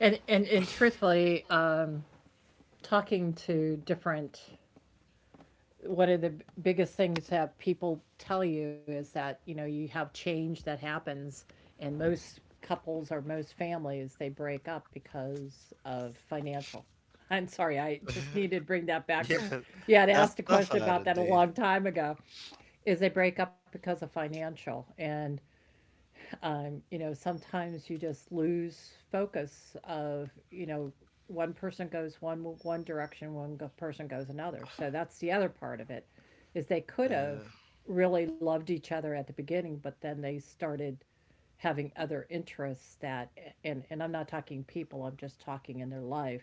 And truthfully, talking to different one of the biggest things that people tell you is that you know you have change that happens, and most couples or most families, they break up because of financial I'm sorry, I just needed to bring that back because yeah, you had asked a that's how question about it that a is. long time ago, is they break up because of financial. And you know, sometimes you just lose focus of, you know, one person goes one direction, person goes another. So that's the other part of it, is they could have really loved each other at the beginning, but then they started having other interests that and I'm not talking people, I'm just talking in their life.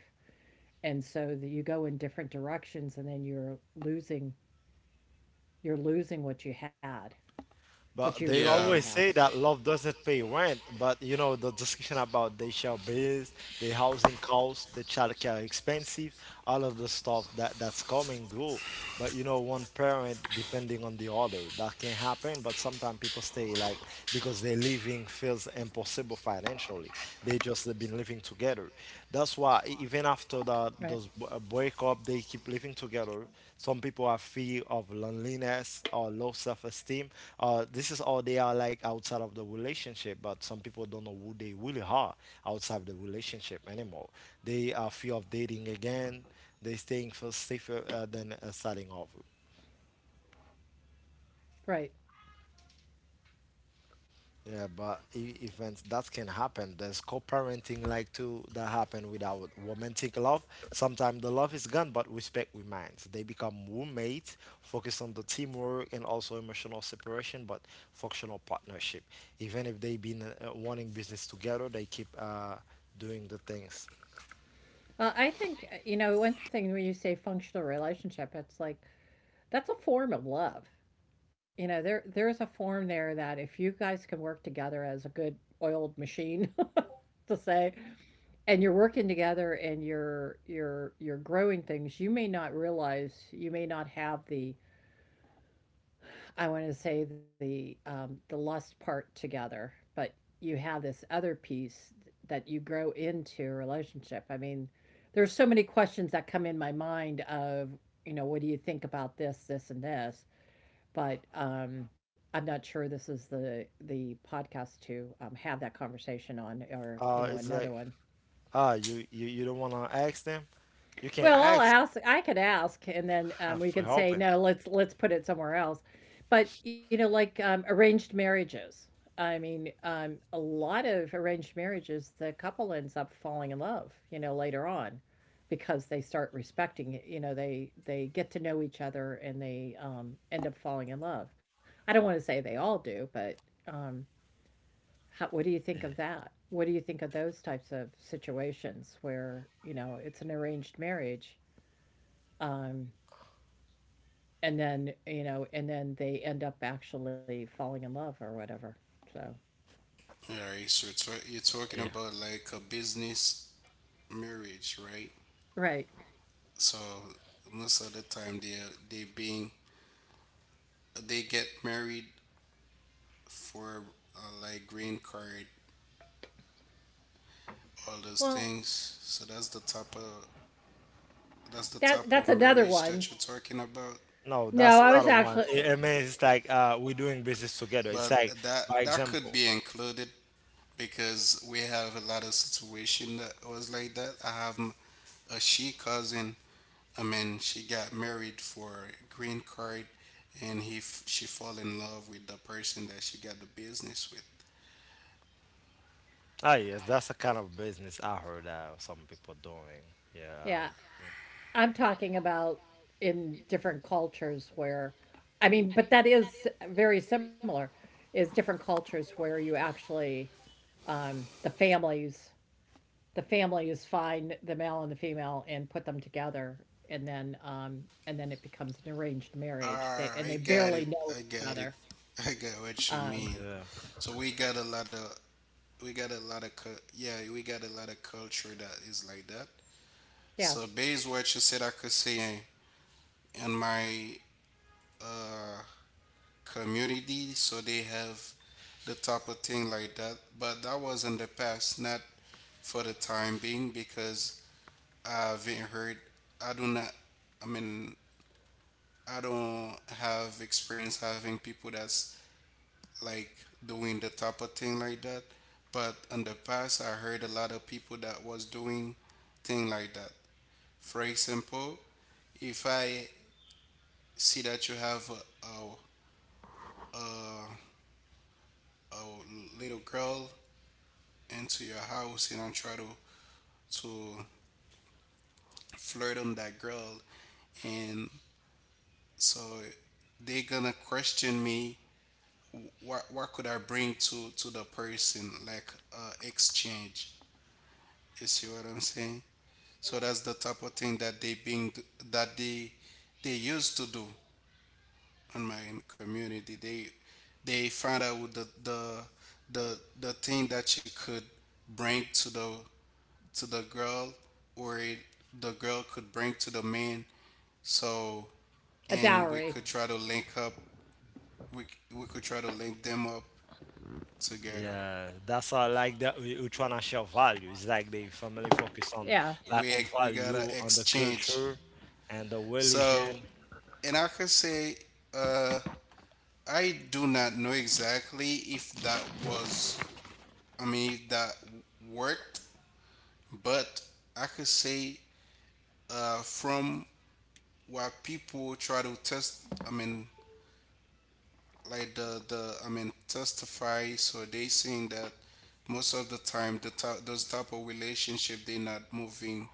And so that you go in different directions, and then you're losing, you're losing what you had, what you But they originally Yeah. always had. say that love doesn't pay rent. But you know, the discussion about the share bills, the housing costs, the childcare expensive, all of the stuff that's coming through. But you know, one parent depending on the other, that can happen. But sometimes people stay like because their living feels impossible financially. They just have been living together. That's why even after that Right. those breakup, they keep living together. Some people are fear of loneliness or low self-esteem. This is all they are like outside of the relationship. But some people don't know who they really are outside the relationship anymore. They are fear of dating again. They staying for safer than starting over. Right. Yeah, Hello. but if that can happen, there's co-parenting like too that happen without romantic love. Sometimes the love is gone, but respect remains. They become roommates, focus on the teamwork and also emotional separation, but functional partnership. Even if they've been running business together, they keep doing the things. Well, I think, you know, one thing when you say functional relationship, it's like that's a form of love. You know, there's a form there that if you guys can work together as a good oiled machine to say, and you're working together and you're growing things, you may not realize, you may not have the, I want to say the lust part together, but you have this other piece that you grow into a relationship. I mean, there's so many questions that come in my mind of, you know, what do you think about this, this, and this, but I'm not sure this is the podcast to have that conversation on, or you know, It's like another one. You don't wanna ask them. You can Well, I'll ask ask. I could ask, and then we for can say helping. no. Let's put it somewhere else. But you know, like arranged marriages. I mean, a lot of arranged marriages, the couple ends up falling in love. You know, later on, because they start respecting it. You know, they get to know each other and they end up falling in love. I don't want to say they all do, but um, how, what do you Yeah, think of that? What do you think of those types of situations where you know it's an arranged marriage? Um, and then, you know, and then they end up actually falling in love or whatever. So, All right. So it's, you're talking yeah. about like a business marriage, right? right. So most of the time they being they get married for, like green card, all those Well, things. So that's the type of, that's the that type of that's another marriage that one. you're talking about. No, No, that's I not was a one. actually, It means it's like we're doing business together. It's like But that by that could example. be included because we have a lot of situation that was like that. I have a she cousin. I mean, she got married for green card, and she fall in love with the person that she got the business with. Ah, yes, that's the kind of business I heard some people doing. Yeah, yeah, I'm talking about in different cultures where, I mean, but that is very similar, is different cultures where you actually the families, the families find the male and the female and put them together, and then it becomes an arranged marriage. They, Ah, and I they got barely it. know I each got it. other. I got what you um mean. yeah, So we got a lot of, we got a lot of cu- yeah, we got a lot of culture that is like that. yeah, So based what you said, I could say in my, uh, community, so they have the type of thing like that. But that was in the past, not for the time being, because I haven't heard. I do not. I mean, I don't have experience having people that's like doing the type of thing like that. But in the past, I heard a lot of people that was doing thing like that. For example, if I see that you have a, a little girl into your house and I try to flirt on that girl, and so they gonna question me what could I bring to the person like exchange. You see what I'm saying? So that's the type of thing that they being that they used to do in my community. They find out what the thing that you could bring to the girl or the girl could bring to the man. So a and we could dowry. try to link up. We could try to link them up together. yeah. That's all like that. We're trying to share value. It's like the family focus on Yeah. like on We gotta value, on the exchange. culture, and the So religion. and I can say, uh, I do not know exactly if that was, I mean, if that worked, but I could say from what people try to test, I mean, like testify, so they saying that most of the time those type of relationship they're not moving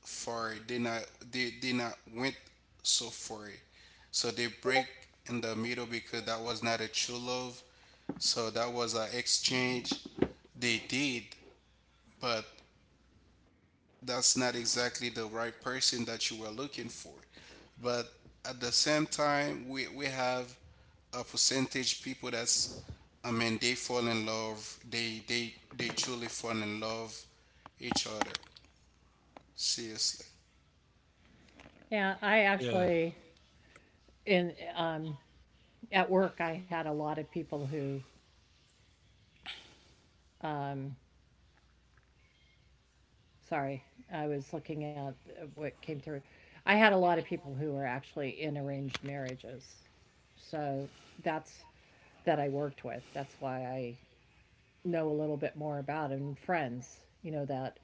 far. They not went so far. So they break in the middle because that was not a true love. So that was an exchange they did, but that's not exactly the right person that you were looking for. But at the same time, we have a percentage people that's, I mean, they fall in love. They truly fall in love each other. Seriously. Yeah, I Yeah, actually, in at work, I had a lot of people who um sorry, I was looking at what came through. I had a lot of people who were actually in arranged marriages, so that's, that I worked with, that's why I know a little bit more about, and friends, you know, that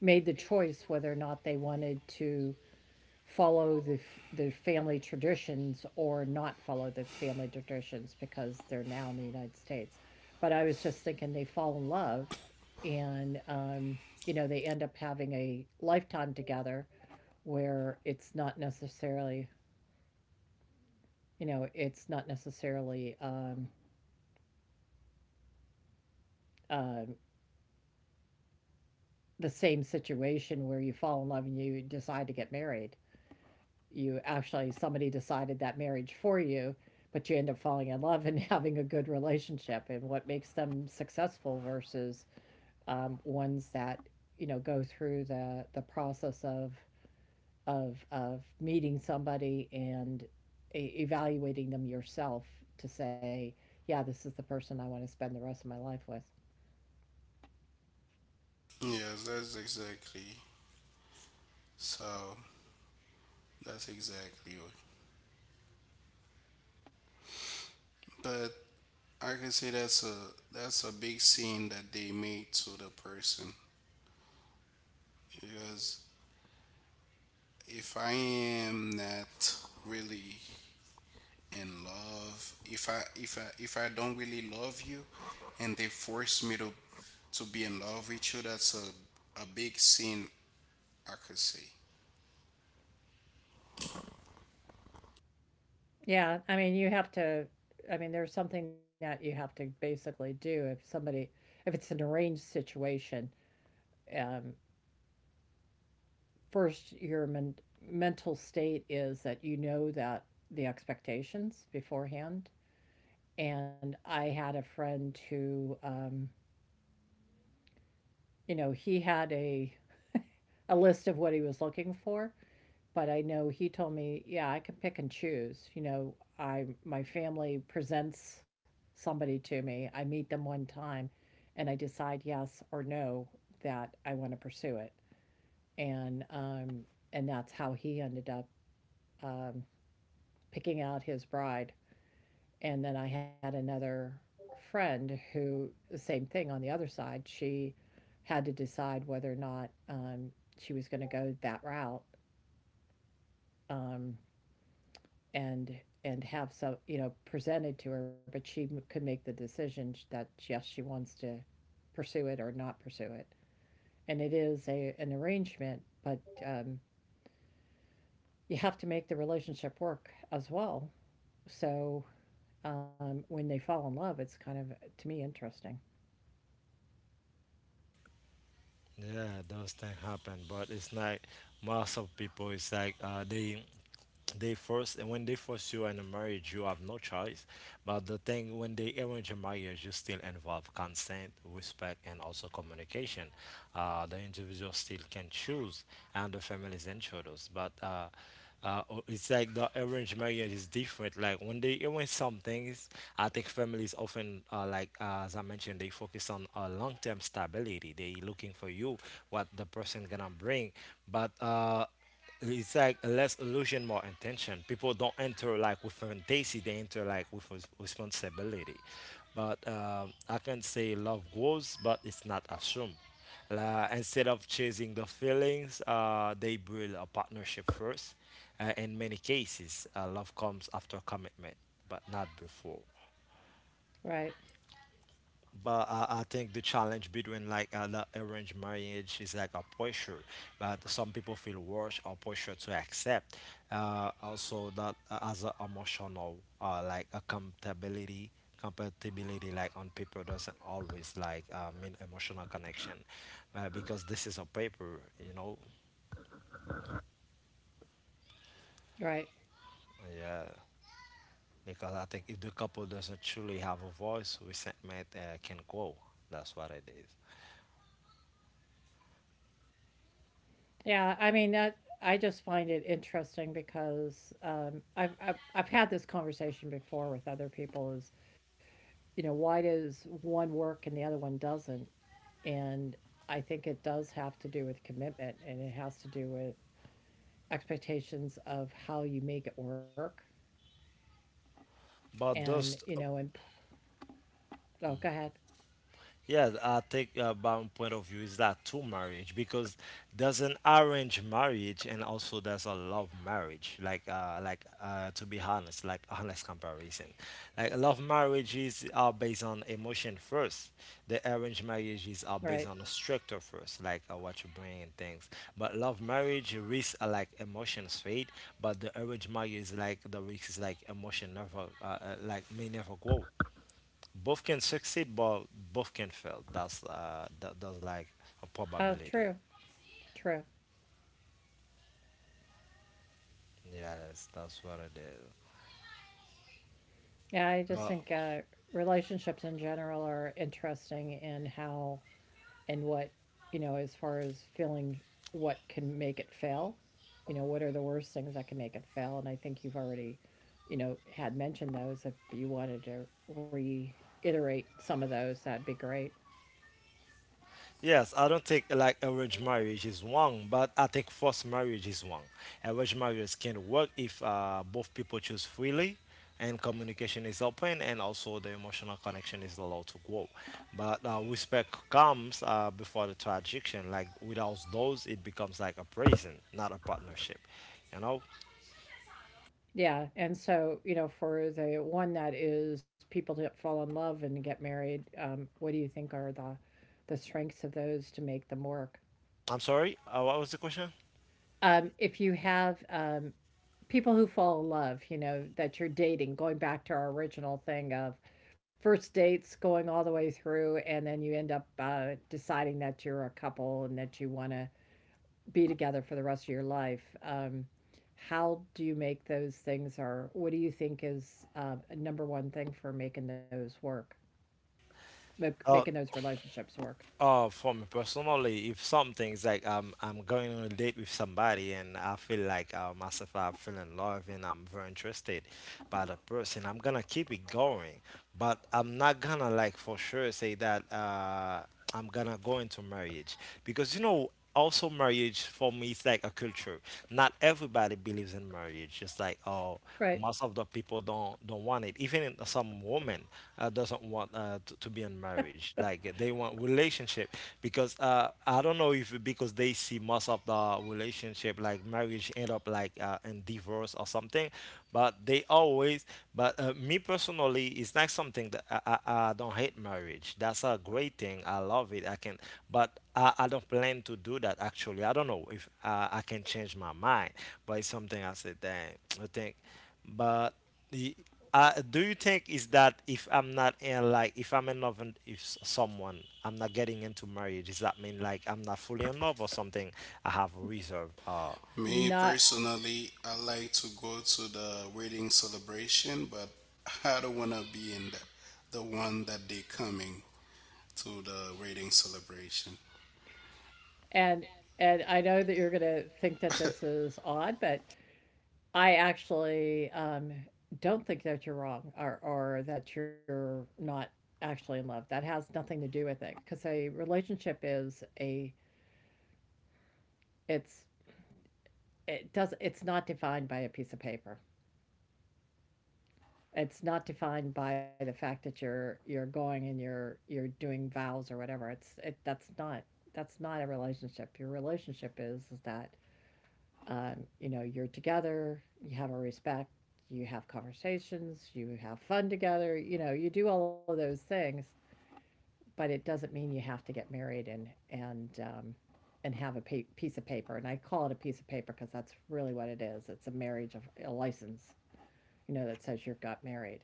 made the choice whether or not they wanted to follow the family traditions or not follow the family traditions because they're now in the United States. But I was just thinking, they fall in love and you know, they end up having a lifetime together where it's not necessarily, you know, it's not necessarily uh the same situation where you fall in love and you decide to get married. You actually, somebody decided that marriage for you, but you end up falling in love and having a good relationship, and what makes them successful versus ones that, you know, go through the process of of meeting somebody and evaluating them yourself to say, yeah, this is the person I want to spend the rest of my life with. Yes, that's exactly. So that's exactly what. But I can say that's a big sin that they made to the person because if I am not really in love, if I don't really love you, and they force me to be in love with you, that's a big sin I could say. Yeah, I mean, you have to. I mean, there's something that you have to basically do if somebody, if it's an arranged situation, um, first your mental state is that you know that the expectations beforehand. And I had a friend who you know, he had a list of what he was looking for, but I know he told me, yeah, I can pick and choose, you know, I, my family presents somebody to me, I meet them one time, and I decide yes or no, that I want to pursue it. And and that's how he ended up um picking out his bride. And then I had another friend who, the same thing on the other side, she had to decide whether or not she was going to go that route, um, and have some, you know, presented to her, but she could make the decision that yes, she wants to pursue it or not pursue it. And it is a an arrangement, but you have to make the relationship work as well. So when they fall in love, it's kind of to me interesting. yeah. Those things happen, but it's like most of people. It's like they force, and when they force you in a marriage, you have no choice. But the thing, when they arrange a marriage, you still involve consent, respect, and also communication. The individual still can choose, and the families and shadows. But it's like the arranged marriage is different. Like when they arrange some things, I think families often, like as I mentioned, they focus on long-term stability. They looking for you, what the person gonna bring. But it's like less illusion, more intention. People don't enter like with fantasy; they enter like with responsibility. But I can say love grows, but it's not assumed. La instead of chasing the feelings, they build a partnership first. In many cases, love comes after commitment, but not before. Right, But I think the challenge between like the arranged marriage is like a pressure, but some people feel worse or pressure to accept. Also that as a emotional like a compatibility like on paper doesn't always like mean emotional connection, because this is a paper, you know, right. yeah. Because I think if the couple doesn't truly have a voice, resentment can grow. That's what it is. Yeah, I mean that, I just find it interesting because I've, I've had this conversation before with other people, is, you know, why does one work and the other one doesn't? And I think it does have to do with commitment and it has to do with expectations of how you make it work, and But you know, those, and oh, go ahead. yeah, I think about my point of view is that two marriage because there's an arranged marriage and also there's a love marriage. Like to be honest, like honest comparison, like love marriages are based on emotion first. The arranged marriages are Right. based on the structure first, like what you bring and things. But love marriage risks like emotions fade, but the arranged marriage is like the risk is like emotion never like may never grow. Both can succeed, but both can fail. That's that's like a Oh, true, probability. true. Yes, that's what it is. Yeah, I just think But relationships in general are interesting in how and what, you know, as far as feeling, what can make it fail, you know, what are the worst things that can make it fail. And I think you've already, you know, had mentioned those. If you wanted to reiterate some of those, that'd be great. yes, I don't think like arranged marriage is wrong, but I think forced marriage is wrong. Arranged marriage can work if both people choose freely, and communication is open, and also the emotional connection is allowed to grow. But respect comes before the transaction. Like without those, it becomes like a prison, not a partnership. You know. Yeah, and so, you know, for the one that is people to fall in love and get married, what do you think are the strengths of those to make them work? I'm sorry. What was the question? If you have people who fall in love, you know, that you're dating, going back to our original thing of first dates going all the way through, and then you end up deciding that you're a couple and that you want to be together for the rest of your life. How do you make those things, or what do you think is a number one thing for making those work, making Uh, those relationships work? For me personally, if something's like I'm going on a date with somebody and I feel like myself, I feel in love and I'm very interested by the person, I'm gonna keep it going. But I'm not gonna like for sure say that I'm gonna go into marriage because. Also, marriage for me is like a culture. Not everybody believes in marriage. Just like oh, Right. most of the people don't want it even some women doesn't want to be in marriage like they want relationship because I don't know if because they see most of the relationship like marriage end up like in divorce or something, but they always. But me personally, it's not something that I don't hate marriage, that's a great thing, I love it, I can. But I don't plan to do that actually, I don't know if I can change my mind, but it's something I said dang, I think. But y- do you think is that if I'm not in like if I'm in love and if someone I'm not getting into marriage, does that mean like I'm not fully in love or something? I have a reserve. Me Not, personally, I like to go to the wedding celebration, but I don't wanna be in the one that they coming to the wedding celebration. and, and I know that you're going to think that this is odd, but I actually don't think that you're wrong or that you're not actually in love. That has nothing to do with it because a relationship is a, it's, it does, it's not defined by a piece of paper. It's not defined by the fact that you're going and you're doing vows or whatever. It's it, that's not, that's not a relationship. Your relationship is that you know, you're together, you have a respect, you have conversations, you have fun together, you know, you do all of those things, but it doesn't mean you have to get married and, um, and have a piece of paper. And I call it a piece of paper because that's really what it is. It's a marriage of a license, you know, that says you got married.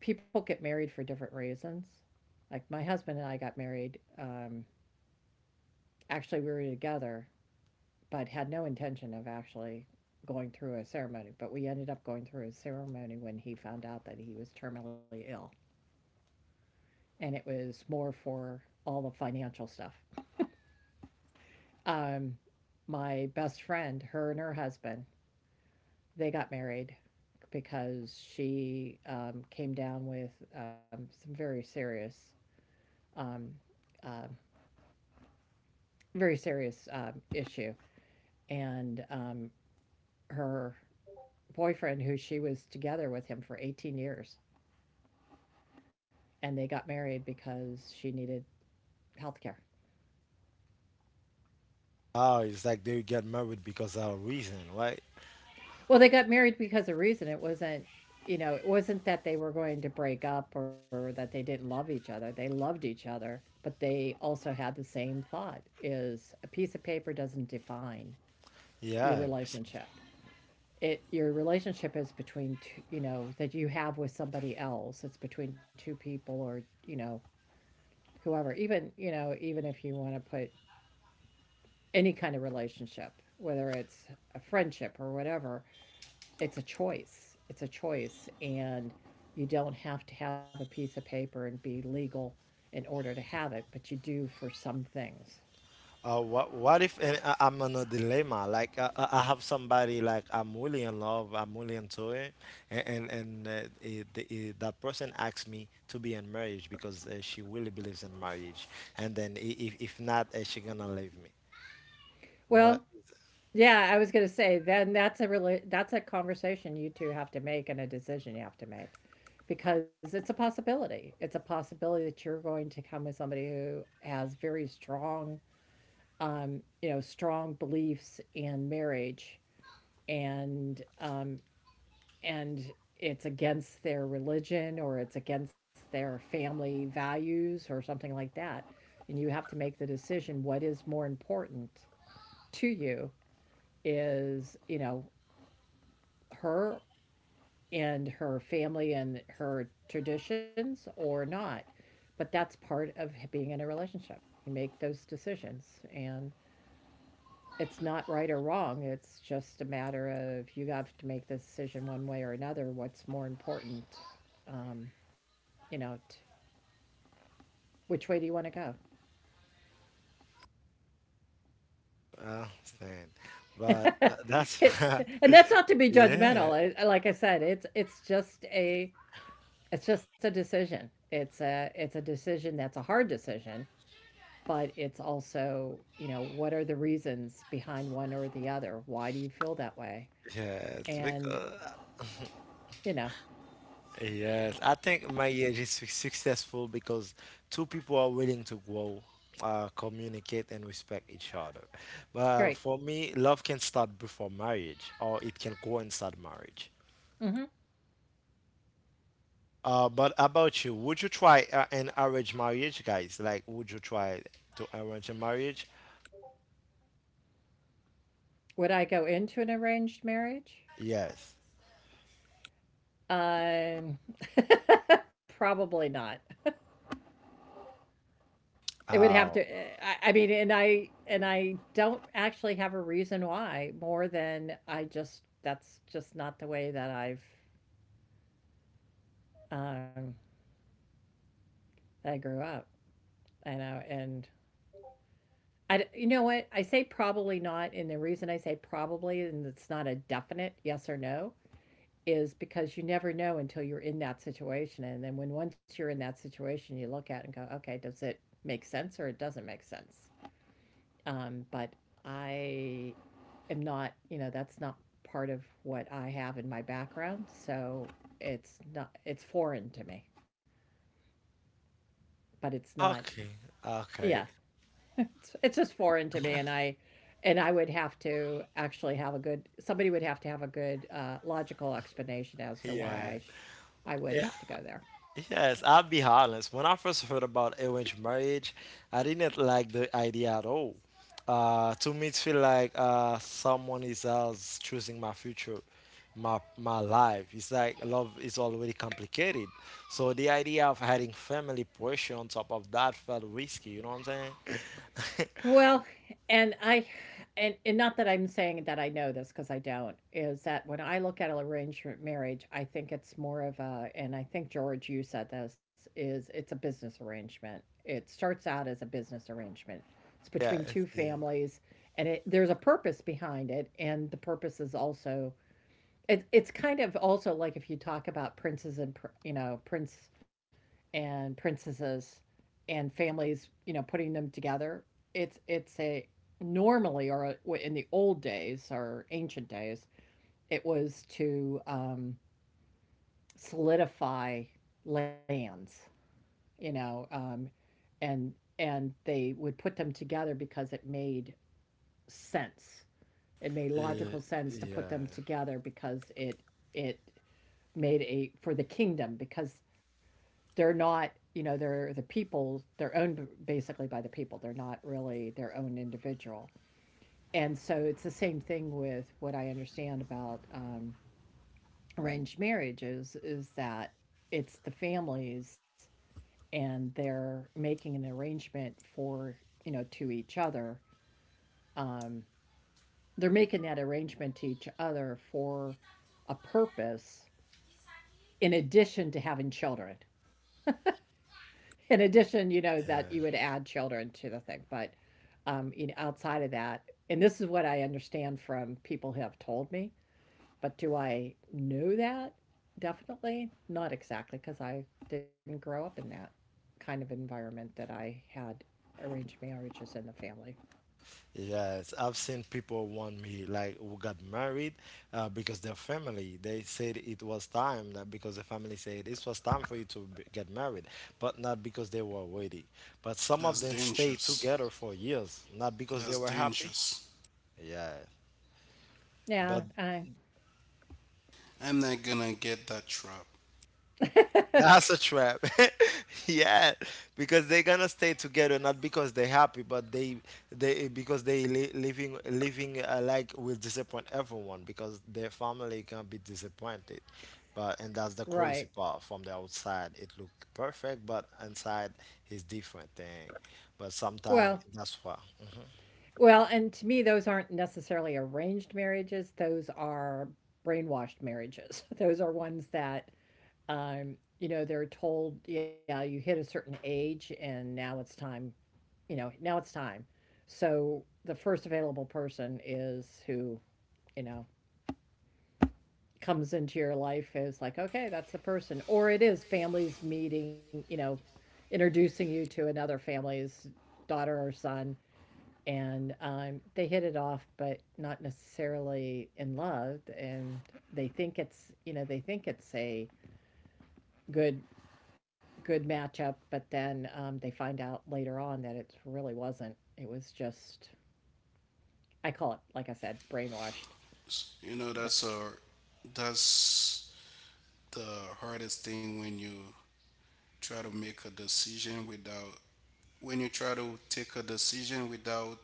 People get married for different reasons. Like my husband and I got married. Actually, we were together but had no intention of actually going through a ceremony. But we ended up going through a ceremony when he found out that he was terminally ill. And it was more for all the financial stuff. Um, my best friend, her and her husband, they got married because she came down with some um, uh, very serious issue, and her boyfriend, who she was together with him for 18 years, and they got married because she needed health care. Oh, it's like they get married because of a reason, right? Well, they got married because of reason. It wasn't, you know, it wasn't that they were going to break up or that they didn't love each other. They loved each other, but they also had the same thought, is a piece of paper doesn't define your Yeah. relationship. It, your relationship is between two, you know, that you have with somebody else. It's between two people or, you know, whoever. Even, you know, even if you want to put any kind of relationship, whether it's a friendship or whatever, it's a choice. It's a choice. And you don't have to have a piece of paper and be legal in order to have it, but you do for some things. What if and I'm in a dilemma? Like I have somebody like I'm really in love, I'm really into it, and that person asks me to be in marriage because she really believes in marriage, and then if not, she gonna leave me. Well, But yeah, I was going to say then that's a really, that's a conversation you two have to make and a decision you have to make, because it's a possibility. It's a possibility that you're going to come with somebody who has very strong you know, strong beliefs in marriage, and um, and it's against their religion or it's against their family values or something like that. And you have to make the decision what is more important to you is, her and her family and her traditions or not. But that's part of being in a relationship. You make those decisions. And it's not right or wrong. It's just a matter of you have to make the decision one way or another. What's more important? Um, you know, t- which way do you want to stand, go? but that's It- and that's not to be yeah, judgmental. Like I said, it's just a it's just a decision. It's a decision that's a hard decision, but it's also you know what are the reasons behind one or the other? Why do you feel that way? yeah. Because And you know, yes, I think marriage is successful because two people are willing to grow, communicate, and respect each other. But great. for me, love can start before marriage, or it can go inside marriage. Hmm. But about you, would you try an arranged marriage, guys? Like, would you try to arrange a marriage? Would I go into an arranged marriage? Yes. Um, probably not. It would have Oh, to. I mean, and I don't actually have a reason why more than I just that's just not the way that I've um, that I grew up. I know, and I you know what I say probably not, and the reason I say probably and it's not a definite yes or no is because you never know until you're in that situation. And then when once you're in that situation, you look at it and go, okay, does it make sense or it doesn't make sense? But I am not, you know, that's not part of what I have in my background. So it's not, it's foreign to me, but it's not, okay, okay, yeah, it's just foreign to me. And I would have to actually have a good, somebody would have to have a good logical explanation as to yeah. I would have to go there. Yes, I'll be honest. When I first heard about arranged marriage, I didn't like the idea at all. To me, it feel like someone is else choosing my future, my life. It's like love is already complicated. So the idea of adding family pressure on top of that felt risky. You know what I'm saying? Well, and I and not that I'm saying that I know this because I don't, is that when I look at an arrangement marriage, I think it's more of a, and I think George, you said this, is it's a business arrangement. It starts out as a business arrangement. It's between Yes. two Yeah. families, and it there's a purpose behind it, and the purpose is also it's kind of also like if you talk about you know prince and princesses and families, you know, putting them together. It's a normally or in the old days or ancient days, it was to solidify lands, you know, and and they would put them together because it made sense. It made logical sense to put them Yeah. together because it made a for the kingdom because they're not you know they're the people they're owned basically by the people they're not really their own individual and so it's the same thing with what I understand about arranged marriages is that it's the families and they're making an arrangement for you know to each other um, they're making that arrangement to each other for a purpose in addition to having children in addition you know that you would Yeah. add children to the thing but you outside of that, and this is what I understand from people who have told me, but do I know that? Definitely not exactly because I didn't grow up in that kind of environment that I had arranged marriages in the family. Yes, I've seen people want me like who got married because their family they said it was time, that because the family said it was time for you to b get married, but not because they were ready. But some of That's them stayed dangerous. together for years, not because they That's were happy. dangerous. Yeah, but Yeah, I I'm not gonna get that trap. that's a trap. Yeah, because they're gonna stay together not because they're happy, but they because they li living living like will disappoint everyone because their family can be disappointed. But and that's the crazy right. part. From the outside, it look perfect, but inside is different thing. But Well, sometimes that's why. And to me, those aren't necessarily arranged marriages. Those are brainwashed marriages. Those are ones that, you know, they're told, yeah, you hit a certain age and now it's time you know, now it's time. So the first available person is who, you know, comes into your life is like, okay, that's the person. Or it is families meeting, you know, introducing you to another family's daughter or son. And they hit it off, but not necessarily in love. And they think it's, you know, they think it's a good, good matchup. But then they find out later on that it really wasn't. It was just I call it, like I said, brainwashed. You know The- that's a that's the hardest thing when you try to make a decision without when you try to take a decision without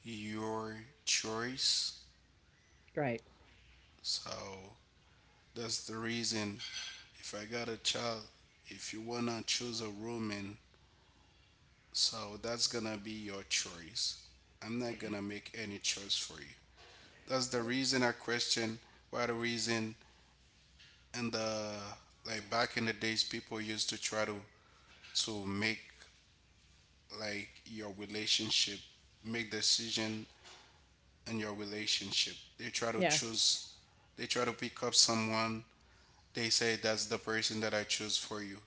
your choice. right. So that's the reason if I got a child, if you wanna choose a woman, so that's gonna be your choice. I'm not gonna make any choice for you. That's the reason I question why the reason and the like back in the days people used to try to make like your relationship make decision in your relationship. They try to Yeah. choose they try to pick up someone, they say that's the person that I choose for you,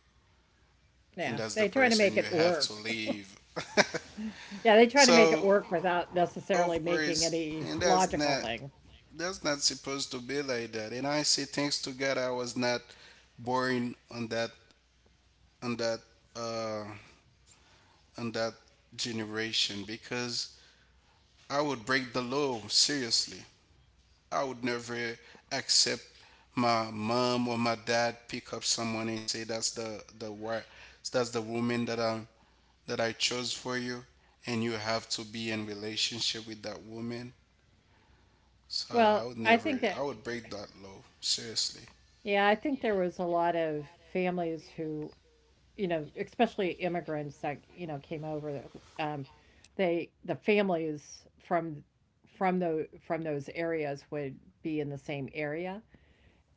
Yeah. and They that's try the to make it person you have work. to leave. Yeah. They try to make it So work without necessarily of making course, any and logical thing. that's not supposed to be like that. And I say thanks to God, I was not born on that on that uh, on that generation because I would break the law seriously. I would never accept my mom or my dad pick up someone and say that's the that's the woman that I chose for you, and you have to be in relationship with that woman. So I Well, would I never, think it, I would break that law. Seriously. yeah, I think there was a lot of families who, you know, especially immigrants that, you know, came over, um, the families from, from those areas would be in the same area.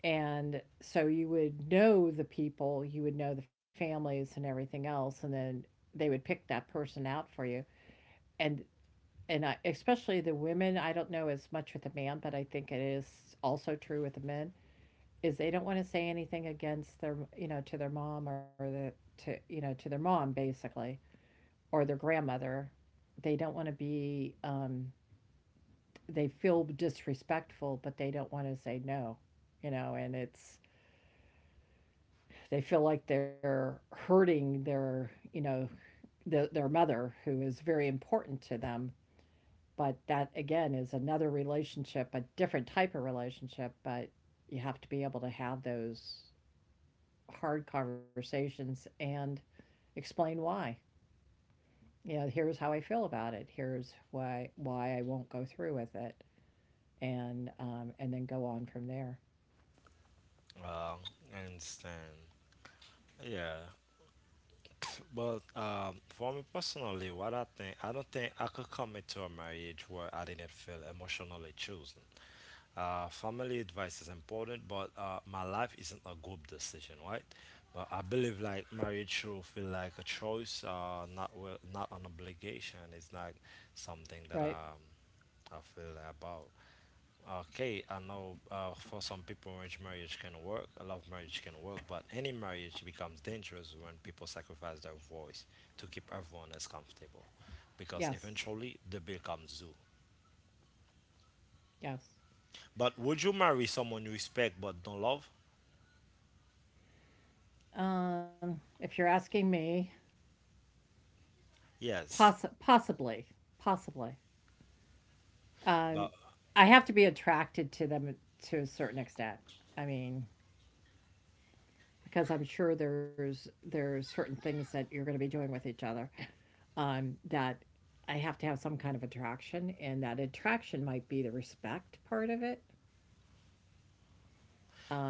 And so you would know the people, you would know the families and everything else, and then they would pick that person out for you. And especially the women, I don't know as much with the man, but I think it is also true with the men is they don't want to say anything against their you know to their mom or the to you know to their mom basically or their grandmother. They don't want to be they feel disrespectful, but they don't want to say no, you know, and it's they feel like they're hurting their, you know, their mother, who is very important to them. But that again is another relationship, a different type of relationship. But you have to be able to have those hard conversations and explain why. You know, here's how I feel about it. Here's why I won't go through with it, and then go on from there. Uh, I understand. Yeah. But for me personally, what I think, I don't think I could commit to a marriage where I didn't feel emotionally chosen. Family advice is important, but my life isn't a group decision, right? But I believe like marriage should feel like a choice, not well, not an obligation. It's like something that Right? I feel about. Okay, I know for some people, arranged marriage can work, a love marriage can work, but any marriage becomes dangerous when people sacrifice their voice to keep everyone else comfortable, because Yes. eventually the bill comes due. Yes. But would you marry someone you respect but don't love? If you're asking me, Yes, possibly, possibly. Um, but I have to be attracted to them to a certain extent. I mean, because I'm sure there's certain things that you're going to be doing with each other that I have to have some kind of attraction, and that attraction might be the respect part of it.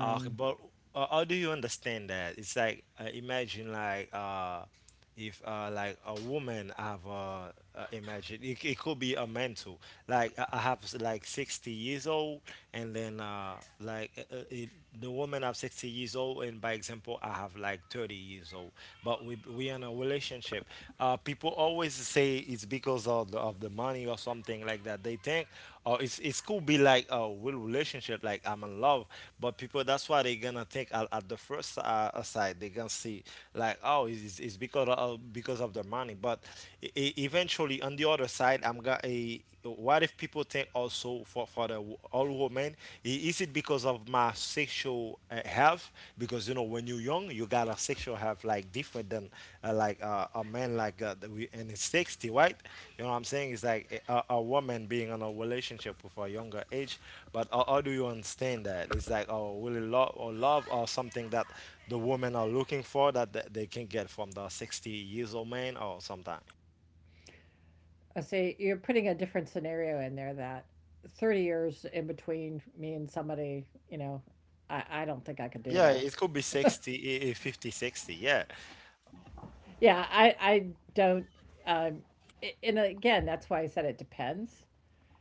But how do you understand that? It's like imagine like if like a woman have imagine it could be a man too. Like I have like 60 years old, and then like uh, uh, it, the woman have 60 years old, and by example I have like 30 years old. But we in a relationship. People always say it's because of the money or something like that. They think or it's it could be like a real relationship like I'm in love, but people that's why they're gonna think at the first side, they gonna see like oh it's because of the money. But eventually on the other side, I'm gonna a what if people think also for the all women, is it because of my sexual health? Because you know when you're young you got a sexual have like different than like a man like that we in his 60, right? You know what I'm saying? It's like a woman being in a relationship with a younger age. But how do you understand that it's like oh really love or love or something that the women are looking for that they can get from the 60 years old man or sometime. I say you're putting a different scenario in there that 30 years in between me and somebody, you know, I don't think I could Yeah, do it that. could be 60, 50, 60. Yeah, Yeah, I don't. Um, and again, that's why I said it depends.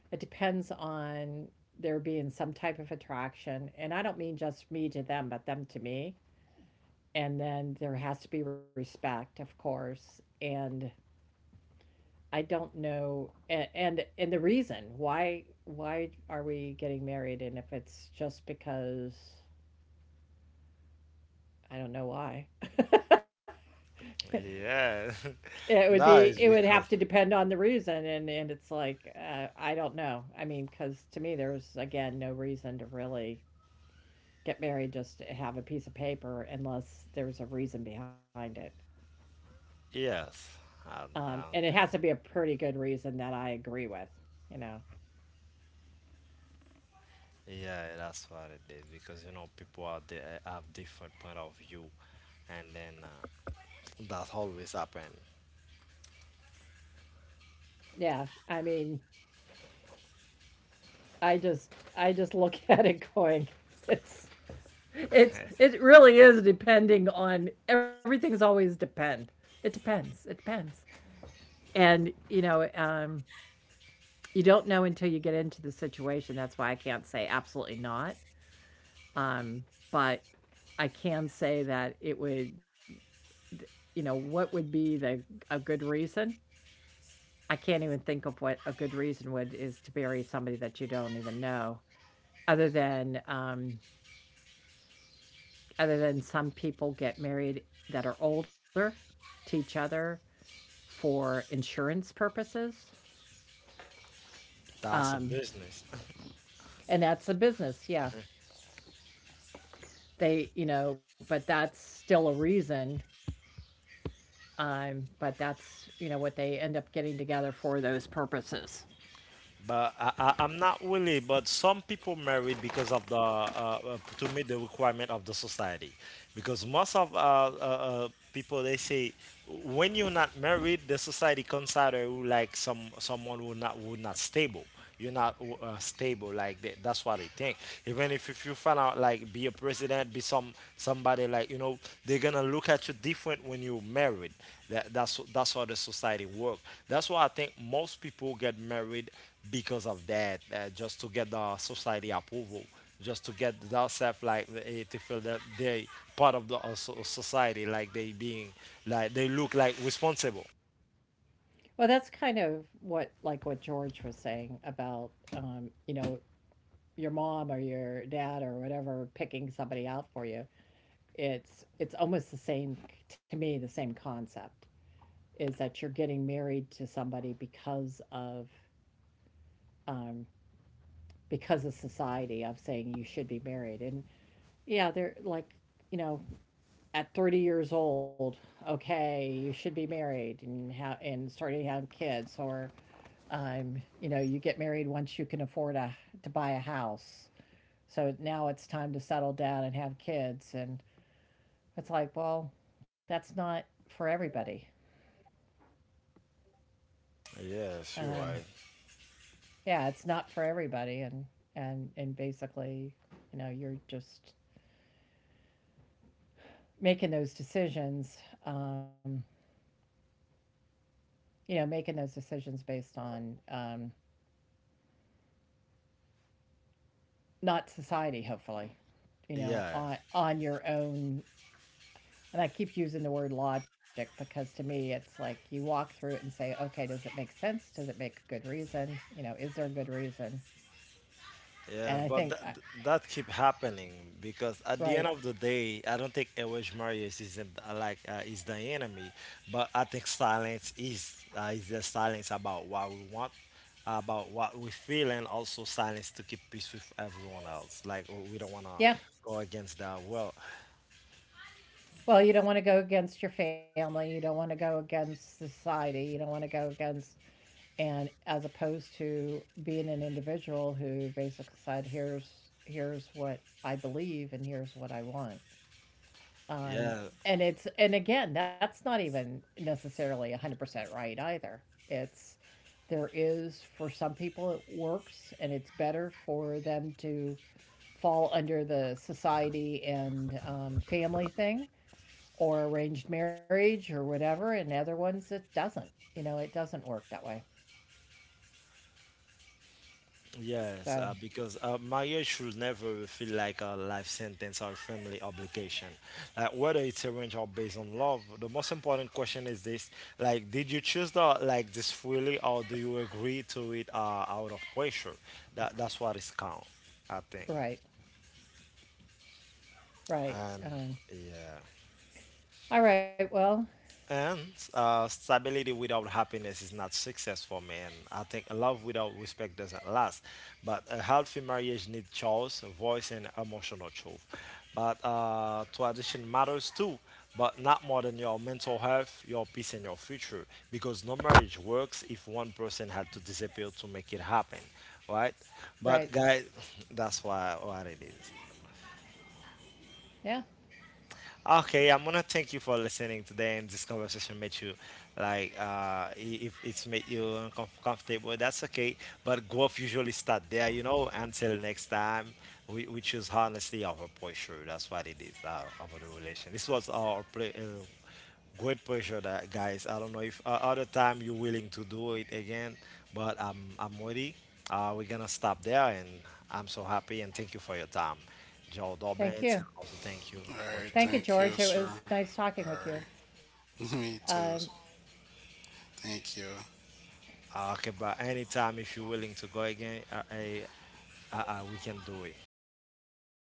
It depends on there being some type of attraction, and I don't mean just me to them, but them to me. And then there has to be respect, of course. And I don't know, and the reason why are we getting married, and if it's just because I don't know why. yeah, no it it's would have because to depend on the reason. And it's like, I don't know. I mean, because to me, there was, again, no reason to really get married just to have a piece of paper unless there's a reason behind it. yes, i, I And don't it has think. to be a pretty good reason that I agree with, you know? Yeah, that's what it is, because you know people out there have different point of view, and then that always happen. Yeah. I mean, I just look at it going, it's, it's, it really is depending on, everything's always depend. It depends. It depends. And, you know, you don't know until you get into the situation. That's why I can't say absolutely not. Um, but I can say that it would, you know, what would be the a good reason? I can't even think of what a good reason would is to bury somebody that you don't even know, other than um, other than some people get married that are older to each other for insurance purposes, That's a um, business. and that's a business. Yeah, they, you know, but that's still a reason. But that's, you know, what they end up getting together for those purposes. But I'm not really. But some people married because of the to meet the requirement of the society, because most of people they say when you're not married, the society consider you like someone who not stable. You're not stable like that, that's what they think. Even if you find out like be a president, be somebody like you know, they're gonna look at you different when you're married. That's how the society works. That's why I think most people get married because of that, just to get the society approval, just to get themselves like to feel that they part of the society, like they being, like they look like responsible. Well, that's kind of what, like what George was saying about, you know, your mom or your dad or whatever picking somebody out for you. It's almost the same to me. The same concept is that you're getting married to somebody um, because of society of saying you should be married. And yeah, they're like, you know, at 30 years old, okay, you should be married and and starting to have kids, or you know, you get married once you can afford a to buy a house. So now it's time to settle down and have kids, and it's like, well, that's not for everybody. Yes, you're Um, right. yeah, it's not for everybody, and and basically, you know, you're just making those decisions. Um, you know, making those decisions based on not society, hopefully, you know, Yeah. On your own. And I keep using the word logic because to me, it's like you walk through it and say, okay, does it make sense? Does it make good reason? You know, is there a good reason? And Yeah, I but think, that that keep happening because at the end right, of the day, I don't think Elwes Marius is is the enemy, but I think silence is, the silence about what we want, about what we feel, and also silence to keep peace with everyone else. Like oh, we don't wanna yeah. go against that. Well, Well, you don't want to go against your family. You don't want to go against society. You don't want to go against, and as opposed to being an individual who basically said, here's what I believe and here's what I want. Um, yeah, and it's and again, that's not even necessarily 100% right either. It's there is for some people it works and it's better for them to fall under the society and family thing or arranged marriage or whatever and other ones it doesn't you know it doesn't work that way yes, so because marriage should never feel like a life sentence or family obligation. Like whether it's arranged or based on love, the most important question is this: like, did you choose the like this freely, or do you agree to it out of pressure? That's what is count, I think. right right And yeah. all right well And stability without happiness is not success for me. And I think love without respect doesn't last. But a healthy marriage needs choice, voice, and emotional truth. But tradition matters too, but not more than your mental health, your peace, and your future. Because no marriage works if one person had to disappear to make it happen, right? But right guys, that's why what it is. yeah Okay, I'm gonna thank you for listening today, and this conversation made you if it's made you uncomfortable, that's okay. But growth usually start there. Until next time, we choose honestly over pressure. That's what it is about the relation. This was our play, great pressure, that guys. I don't know if other time you're willing to do it again, but I'm ready. We're gonna stop there, and I'm so happy and thank you for your time. Joe Dobbins, thank you and also thank you All for right. thank joining. you Thank you, George it sir. was nice All talking with you right. Me too. um, Thank you. Okay, but anytime if you're willing to go again, I we can do it.